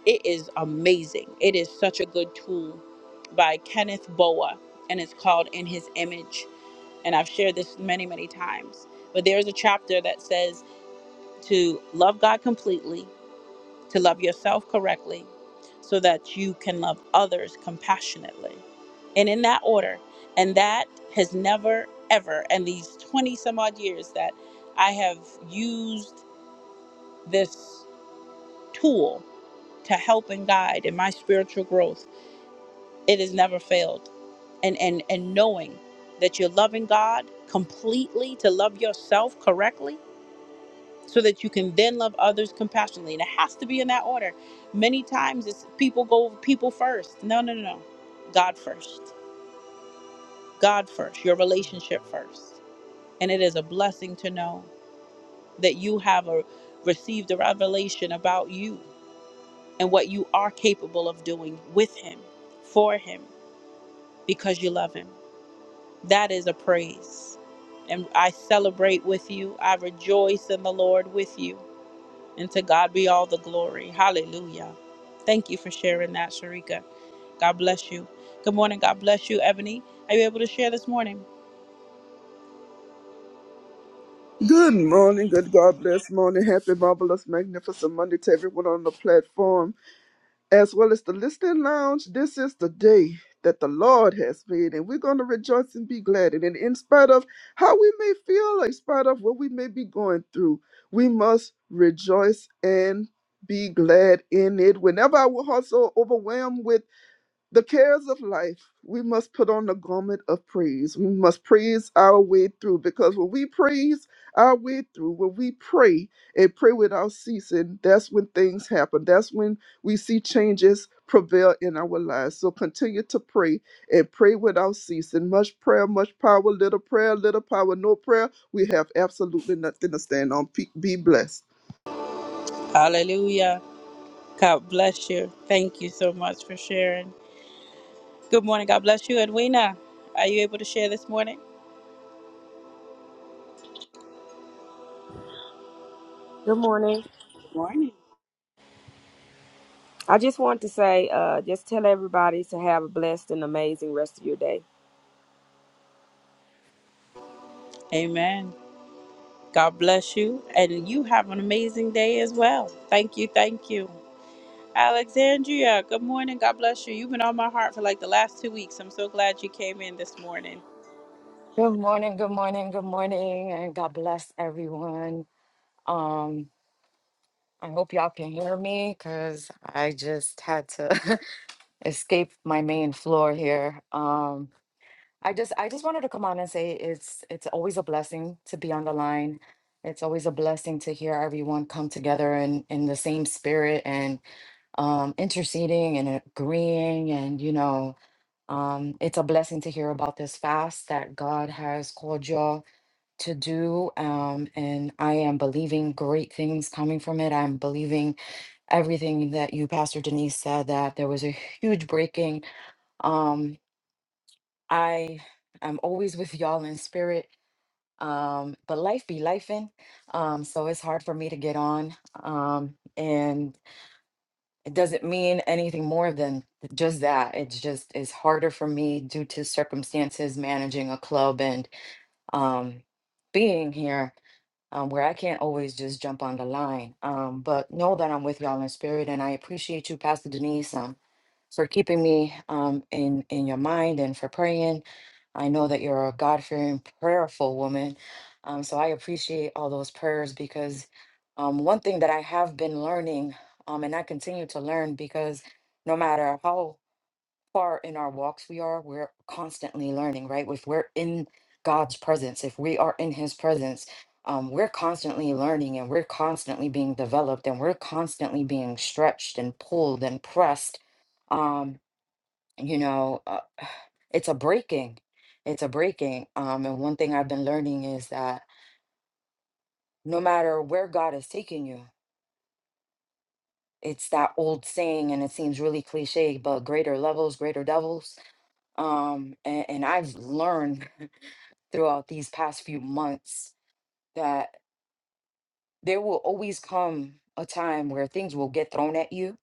S1: it is amazing. It is such a good tool by Kenneth Boa, and it's called In His Image and I've shared this many, many times, but there's a chapter that says to love God completely, to love yourself correctly, so that you can love others compassionately. And in that order, and that has never, ever, and these 20 some odd years that I have used this tool to help and guide in my spiritual growth, it has never failed. And, and, and knowing that you're loving God completely, to love yourself correctly so that you can then love others compassionately. And it has to be in that order. Many times it's people go people first. No, no, no, no. God first. God first. Your relationship first. And it is a blessing to know that you have a, received a revelation about you and what you are capable of doing with Him, for Him, because you love Him. That is a praise. And I celebrate with you. I rejoice in the Lord with you. And to God be all the glory. Hallelujah. Thank you for sharing that, Sharika. God bless you. Good morning. God bless you, Ebony. Are you able to share this morning?
S4: Good morning, good God bless morning. Happy, marvelous, magnificent Monday to everyone on the platform. as well as the listening lounge. This is the day that the Lord has made, and we're going to rejoice and be glad. And in in spite of how we may feel, in spite of what we may be going through, we must rejoice and be glad in it. Whenever I was also overwhelmed with the cares of life, we must put on the garment of praise. We must praise our way through because when we praise our way through, when we pray and pray without ceasing, that's when things happen. That's when we see changes prevail in our lives. So continue to pray and pray without ceasing. Much prayer, much power, little prayer, little power, no prayer. We have absolutely nothing to stand on. Pe- Be blessed.
S1: Hallelujah. God bless you. Thank you so much for sharing. Good morning. God bless you, Edwina. Are you able to share this morning?
S5: Good morning.
S1: Good morning.
S5: I just want to say, uh, just tell everybody to have a blessed and amazing rest of your day.
S1: Amen. God bless you. And you have an amazing day as well. Thank you. Thank you. Alexandria, good morning. God bless you. You've been on my heart for like the last two weeks. I'm so glad you came in this morning.
S6: Good morning, good morning, good morning, and God bless everyone. Um, I hope y'all can hear me because I just had to escape my main floor here. Um, I just I just wanted to come on and say it's it's always a blessing to be on the line. It's always a blessing to hear everyone come together in in the same spirit and um, interceding and agreeing, and you know, um, it's a blessing to hear about this fast that God has called y'all to do. Um, and I am believing great things coming from it. I'm believing everything that you, Pastor Denise, said that there was a huge breaking. Um, I am always with y'all in spirit. Um, but life be lifing. Um, so it's hard for me to get on. Um, and it doesn't mean anything more than just that. It's just it's harder for me due to circumstances managing a club and um being here um, where I can't always just jump on the line. Um, but know that I'm with y'all in spirit, and I appreciate you, Pastor Denise, um, for keeping me um, in in your mind and for praying. I know that you're a God fearing, prayerful woman, um, so I appreciate all those prayers because um, one thing that I have been learning, um, and I continue to learn, because no matter how far in our walks we are, we're constantly learning, right? If we're in God's presence, if we are in His presence, um, we're constantly learning and we're constantly being developed and we're constantly being stretched and pulled and pressed. Um, you know, uh, it's a breaking. It's a breaking. Um, and one thing I've been learning is that no matter where God is taking you, it's that old saying, and it seems really cliche, but greater levels, greater devils um and, and i've learned throughout these past few months that there will always come a time where things will get thrown at you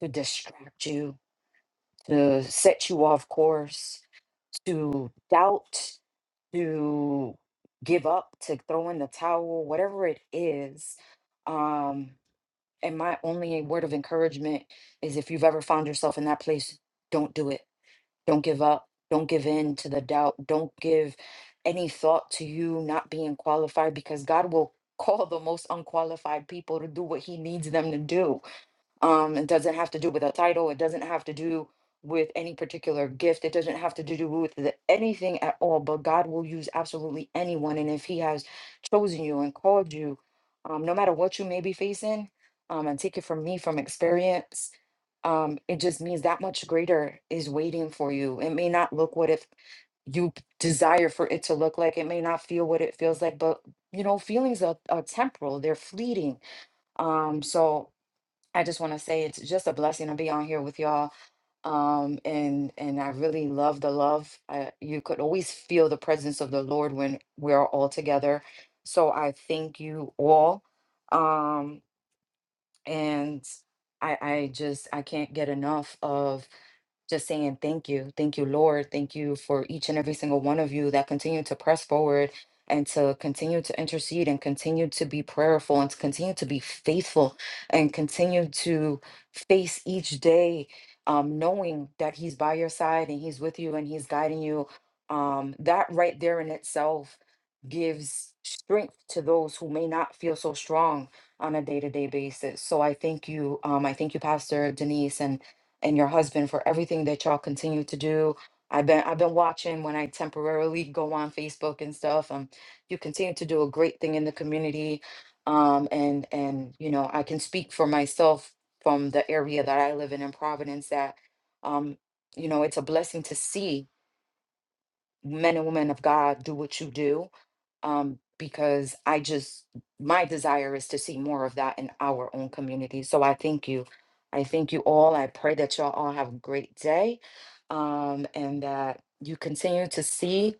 S6: to distract you, to set you off course, to doubt, to give up, to throw in the towel, whatever it is. Um, and my only word of encouragement is if you've ever found yourself in that place, don't do it Don't give up. Don't give in to the doubt. Don't give any thought to you not being qualified because God will call the most unqualified people to do what he needs them to do. Um, it doesn't have to do with a title. It doesn't have to do with any particular gift. It doesn't have to do with the, anything at all. But God will use absolutely anyone. And if He has chosen you and called you, um, no matter what you may be facing, um, and take it from me from experience, um, it just means that much greater is waiting for you. It may not look what if you p- desire for it to look like. It may not feel what it feels like. But you know, feelings are, are temporal. They're fleeting. Um, so I just want to say it's just a blessing to be on here with y'all. Um, and and I really love the love. Uh, you could always feel the presence of the Lord when we're all together. So I thank you all. Um, and I I just I can't get enough of just saying thank you. Thank you, Lord. Thank you for each and every single one of you that continue to press forward and to continue to intercede and continue to be prayerful and to continue to be faithful and continue to face each day um, knowing that He's by your side and He's with you and He's guiding you. Um, that right there in itself gives strength to those who may not feel so strong on a day-to-day basis. So I thank you. Um, I thank you, Pastor Denise, and and your husband for everything that y'all continue to do. I've been I've been watching when I temporarily go on Facebook and stuff. Um, you continue to do a great thing in the community. Um, and and you know I can speak for myself from the area that I live in in Providence that um, you know it's a blessing to see men and women of God do what you do um, because I just, my desire is to see more of that in our own community. So I thank you. I thank you all. I pray that y'all all have a great day um, and that you continue to see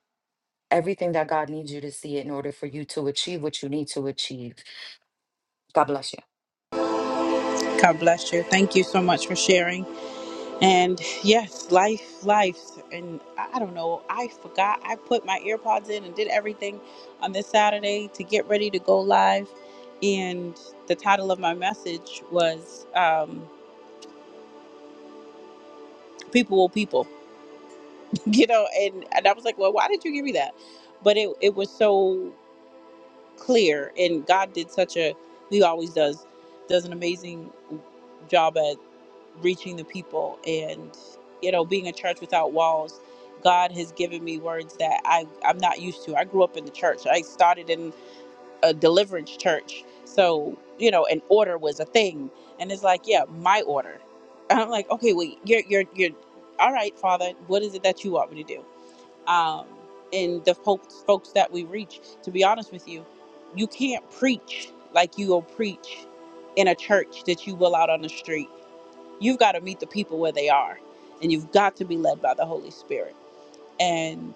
S6: everything that God needs you to see in order for you to achieve what you need to achieve. God bless you.
S1: God bless you. Thank you so much for sharing. And yes, life, life. And I I don't know, I forgot. I put my earpods in and did everything on this Saturday to get ready to go live. And the title of my message was um, People Will People, you know. And, and I was like, well, why did you give me that? But it, it was so clear. And God did such a, He always does, does an amazing job reaching the people and you know being a church without walls god has given me words that I, i'm not used to i grew up in the church i started in a deliverance church so you know an order was a thing and it's like yeah my order and i'm like okay wait you're you're you're all right father what is it that you want me to do um and the folks folks that we reach to be honest with you you can't preach like you will preach in a church that you will out on the street you've got to meet the people where they are and you've got to be led by the holy spirit and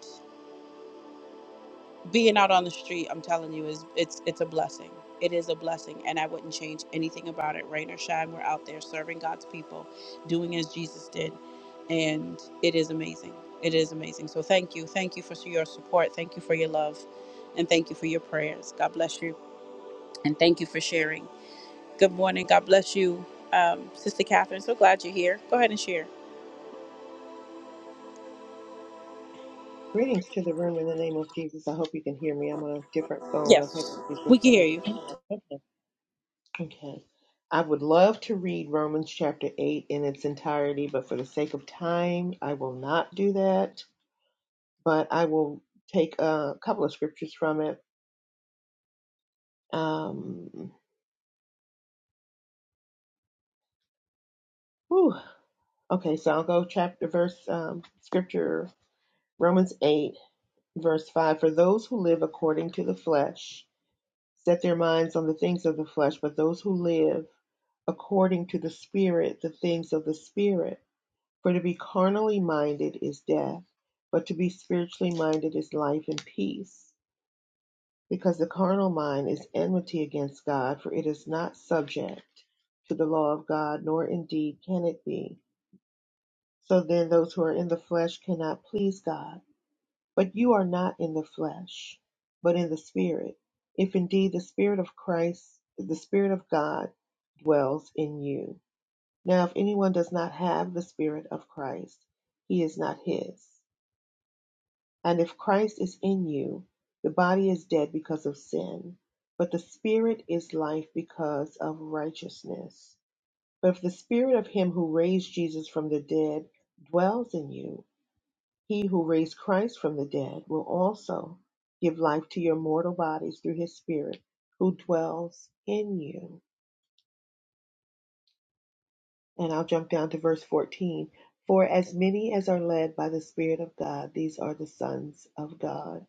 S1: being out on the street i'm telling you is it's it's a blessing it is a blessing and i wouldn't change anything about it rain or shine we're out there serving god's people doing as jesus did and it is amazing it is amazing so thank you thank you for your support thank you for your love and thank you for your prayers god bless you and thank you for sharing good morning god bless you um, sister catherine so glad you're here go ahead and share
S7: Greetings to the room in the name of Jesus. I hope you can hear me. I'm on a different phone. I have
S1: yes
S7: issues with
S1: we
S7: my
S1: can
S7: other
S1: hear you
S7: phone. Okay. Okay. I would love to read Romans chapter 8 in its entirety, but for the sake of time, I will not do that. But I will take a couple of scriptures from it. Um, whew. Okay, so I'll go chapter, verse, um, scripture, Romans 8, verse 5. For those who live according to the flesh set their minds on the things of the flesh, but those who live according to the Spirit the things of the Spirit. For to be carnally minded is death, but to be spiritually minded is life and peace. Because the carnal mind is enmity against God, for it is not subject to the law of God, nor indeed can it be. So then, those who are in the flesh cannot please God. But you are not in the flesh, but in the Spirit, if indeed the Spirit of Christ, the Spirit of God, dwells in you. Now, if anyone does not have the Spirit of Christ, he is not his. And if Christ is in you, the body is dead because of sin, but the Spirit is life because of righteousness. But if the Spirit of him who raised Jesus from the dead dwells in you, he who raised Christ from the dead will also give life to your mortal bodies through his Spirit who dwells in you. And I'll jump down to verse 14. For as many as are led by the Spirit of God, these are the sons of God.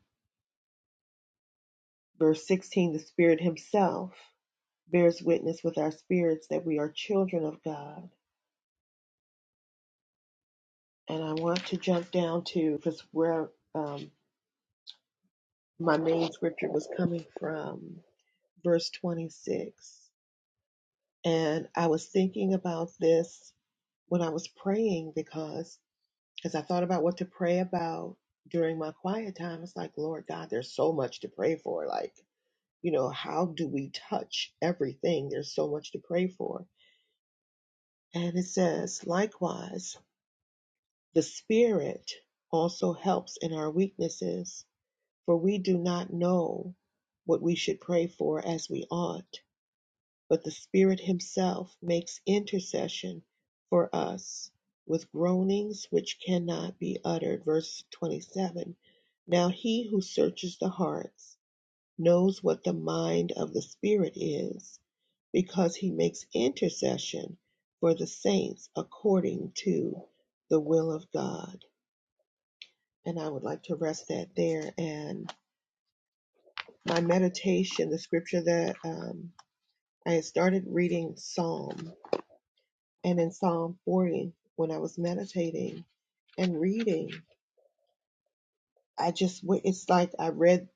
S7: Verse 16 The Spirit Himself bears witness with our spirits that we are children of God. And I want to jump down to, because where um, my main scripture was coming from, verse 26. And I was thinking about this when I was praying because. As I thought about what to pray about during my quiet time, it's like, Lord God, there's so much to pray for. Like, you know, how do we touch everything? There's so much to pray for. And it says, likewise, the Spirit also helps in our weaknesses, for we do not know what we should pray for as we ought But the Spirit Himself makes intercession for us with groanings which cannot be uttered. Verse 27 Now He who searches the hearts knows what the mind of the Spirit is, because He makes intercession for the saints according to the will of God. And I would like to rest that there. And my meditation, the scripture that um, I had started reading Psalm And in Psalm 40, when I was meditating and reading, I just, w- it's like I read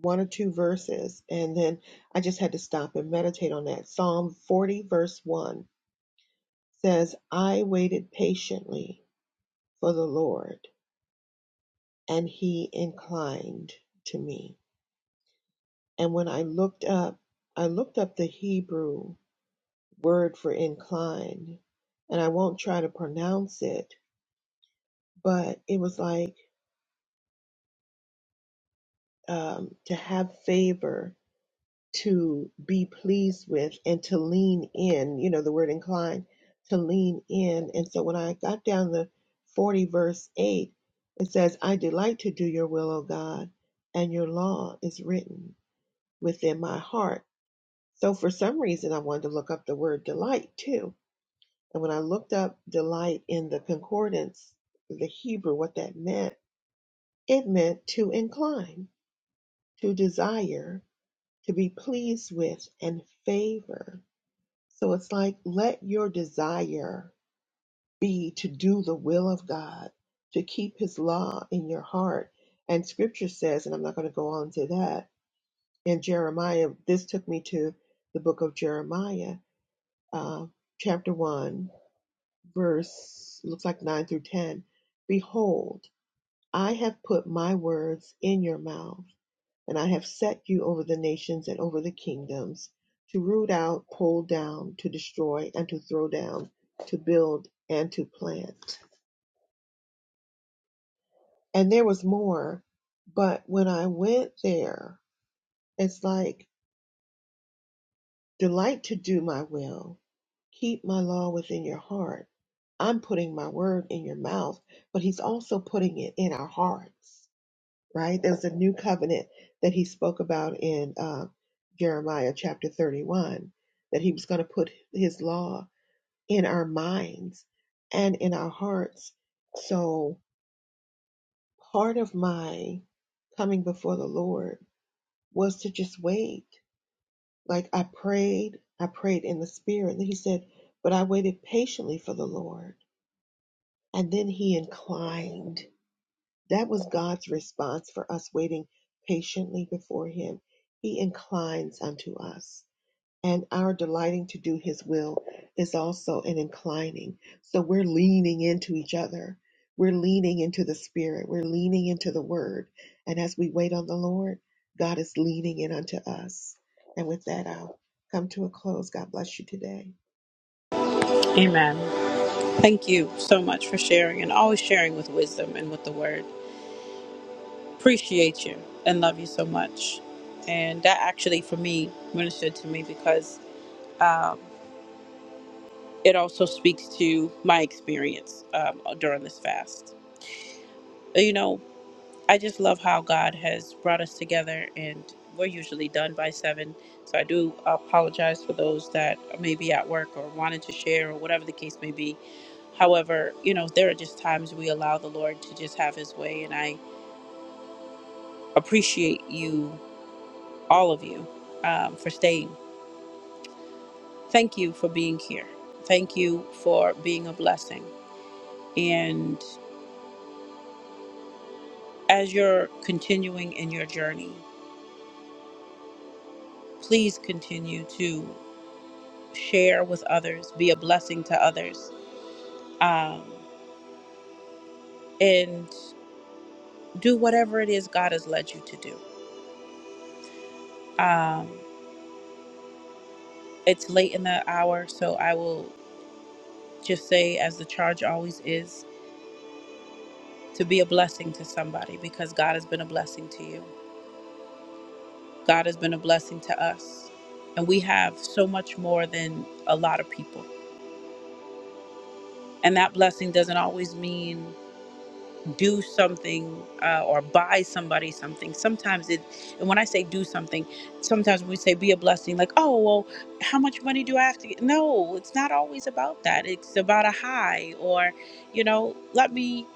S7: one or two verses and then I just had to stop and meditate on that. Psalm 40, verse 1 says, I waited patiently for the Lord and he inclined to me. And when I looked up, I looked up the Hebrew word for incline and I won't try to pronounce it, but it was like, um, to have favor, to be pleased with, and to lean in. You know, the word incline, to lean in. And so when I got down the 40, verse 8, it says, I delight to do your will, O God, and your law is written within my heart. So for some reason, I wanted to look up the word delight too. And when I looked up delight in the concordance, the Hebrew, what that meant, it meant to incline, to desire, to be pleased with and favor. So it's like, let your desire be to do the will of God, to keep his law in your heart. And scripture says, and I'm not going to go on to that, in Jeremiah, this took me to the book of Jeremiah, uh, chapter 1, verse, looks like 9 through 10. Behold, I have put my words in your mouth And I have set you over the nations and over the kingdoms to root out, pull down, to destroy, and to throw down, to build and to plant. And there was more. But when I went there, it's like, delight to do my will, keep my law within your heart. I'm putting my word in your mouth, but he's also putting it in our hearts. right? There's a new covenant that he spoke about in uh, Jeremiah chapter 31, that he was going to put his law in our minds and in our hearts. So part of my coming before the Lord was to just wait. Like I prayed, I prayed in the spirit. And he said, But I waited patiently for the Lord. And then he inclined. That was God's response for us waiting patiently before Him. He inclines unto us. And our delighting to do His will is also an inclining. So we're leaning into each other. We're leaning into the Spirit. We're leaning into the Word. And as we wait on the Lord, God is leaning in unto us. And with that, I'll come to a close. God bless you today.
S1: Amen. Thank you so much for sharing and always sharing with wisdom and with the word. Appreciate you and love you so much. And that actually, for me, ministered to me because um, it also speaks to my experience um, during this fast. You know, I just love how God has brought us together, and we're usually done by seven. So I do apologize for those that may be at work or wanted to share or whatever the case may be. However, you know, there are just times we allow the Lord to just have his way, and I appreciate you, all of you, um, for staying. Thank you for being here. Thank you for being a blessing. And as you're continuing in your journey, please continue to. share with others, be a blessing to others, um, and do whatever it is God has led you to do. Um, it's late in the hour, so I will just say, as the charge always is, to be a blessing to somebody because God has been a blessing to you. God has been a blessing to us. And we have so much more than a lot of people. And that blessing doesn't always mean do something uh, or buy somebody something. Sometimes it, and when I say do something, sometimes we say be a blessing, like, oh, well, how much money do I have to get? No, it's not always about that. It's about a high or, you know, let me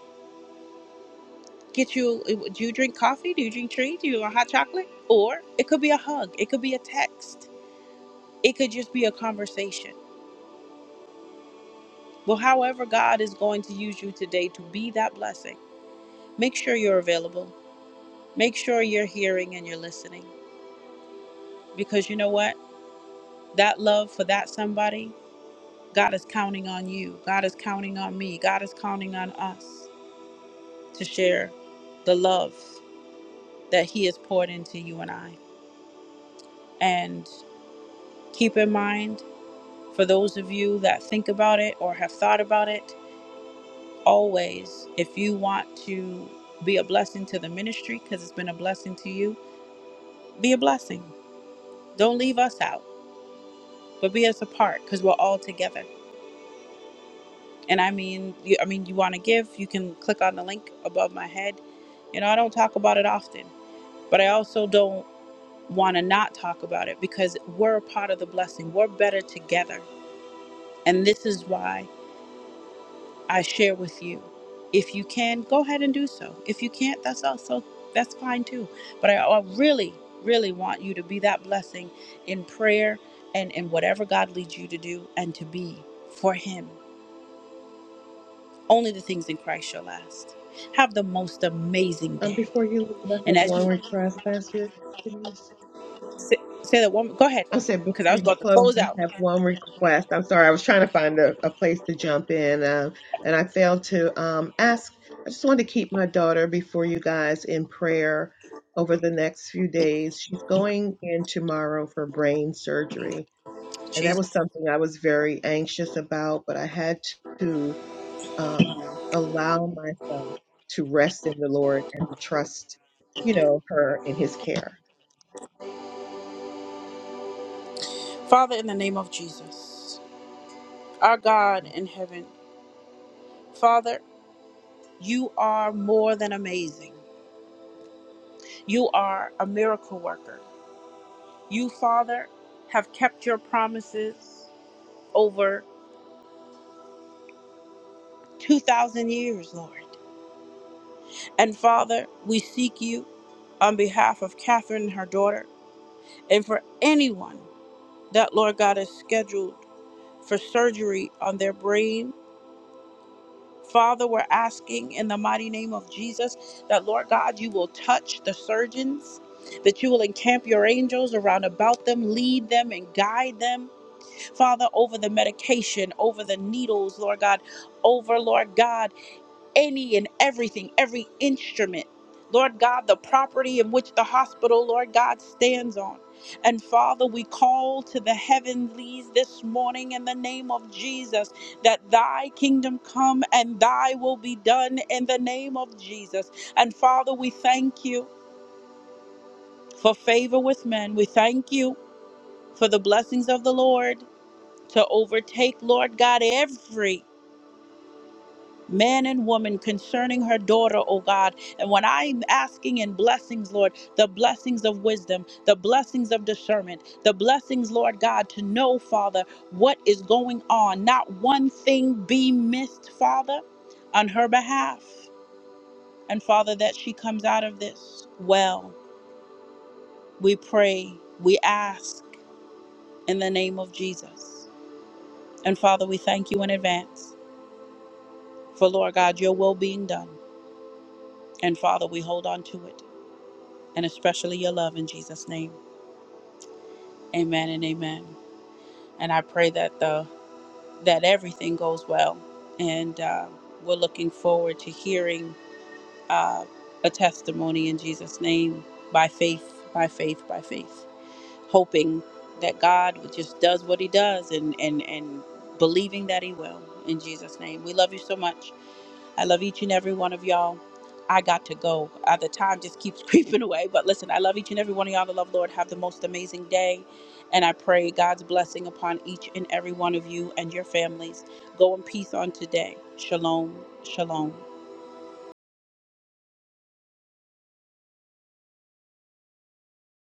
S1: get you, uh, do you drink coffee? Do you drink tea? Do you want hot chocolate? Or it could be a hug, it could be a text, it could just be a conversation. Well, however, God is going to use you today to be that blessing. Make sure you're available. Make sure you're hearing and you're listening. because you know what? That love for that somebody, God is counting on you. God is counting on me. God is counting on us to share the love that He has poured into you and I. And keep in mind, for those of you that think about it or have thought about it, always, if you want to be a blessing to the ministry, because it's been a blessing to you, be a blessing. Don't leave us out, but be us apart, because we're all together. And I mean, you, I mean, you want to give, you can click on the link above my head. You know, I don't talk about it often, but I also don't want to not talk about it because we're a part of the blessing. We're better together. And this is why I share with you. If you can, go ahead and do so. If you can't, that's also that's fine too. But I, I really, really want you to be that blessing in prayer and in whatever God leads you to do and to be for him Only the things in Christ shall last. Have the most amazing
S7: Um,
S1: day.
S7: before you leave, I
S1: And
S7: have
S1: as
S7: one
S1: you
S7: request, Pastor Denise.
S1: say, say that woman, go ahead,
S7: I said
S1: because I
S7: before
S1: was
S7: you
S1: about to
S7: close,
S1: close
S7: I
S1: out.
S7: have one request. I'm sorry, I was trying to find a, a place to jump in, um, and I failed to um, ask. I just wanted to keep my daughter before you guys in prayer over the next few days. She's going in tomorrow for brain surgery, and that
S1: Jesus.
S7: was something I was very anxious about, but I had to um, allow myself to rest in the Lord and to trust, you know, her in His care.
S1: Father, in the name of Jesus, our God in heaven, Father, you are more than amazing. You are a miracle worker. You, Father, have kept your promises over 2,000 years, Lord. And Father, we seek you on behalf of Catherine and her daughter and for anyone that, Lord God, is scheduled for surgery on their brain. Father, we're asking in the mighty name of Jesus that, Lord God, you will touch the surgeons, that you will encamp your angels around about them, lead them and guide them. Father, over the medication, over the needles, Lord God, over, Lord God any and everything, every instrument, Lord God, the property in which the hospital, Lord God, stands on. And Father, we call to the heavenlies this morning in the name of Jesus that thy kingdom come and thy will be done in the name of Jesus. And Father, we thank you for favor with men. We thank you for the blessings of the Lord to overtake, Lord God, every man and woman concerning her daughter, oh God. And when I'm asking in blessings, Lord, the blessings of wisdom, the blessings of discernment, the blessings, Lord God, to know, Father, what is going on. Not one thing be missed, Father, on her behalf. And Father, that she comes out of this well. We pray, we ask in the name of Jesus. And Father, we thank you in advance for, Lord God, your will being done. And Father, we hold on to it. and especially your love in Jesus' name. Amen and amen. And I pray that the that everything goes well, and uh, we're looking forward to hearing uh, a testimony in Jesus' name by faith, by faith, by faith. hoping that God just does what He does and and and believing that He will. In Jesus' name, we love you so much. I love each and every one of y'all. I got to go. Uh, the time just keeps creeping away. But listen, I love each and every one of y'all. The love, Lord. Have the most amazing day. And I pray God's blessing upon each and every one of you and your families. Go in peace on today. Shalom. Shalom.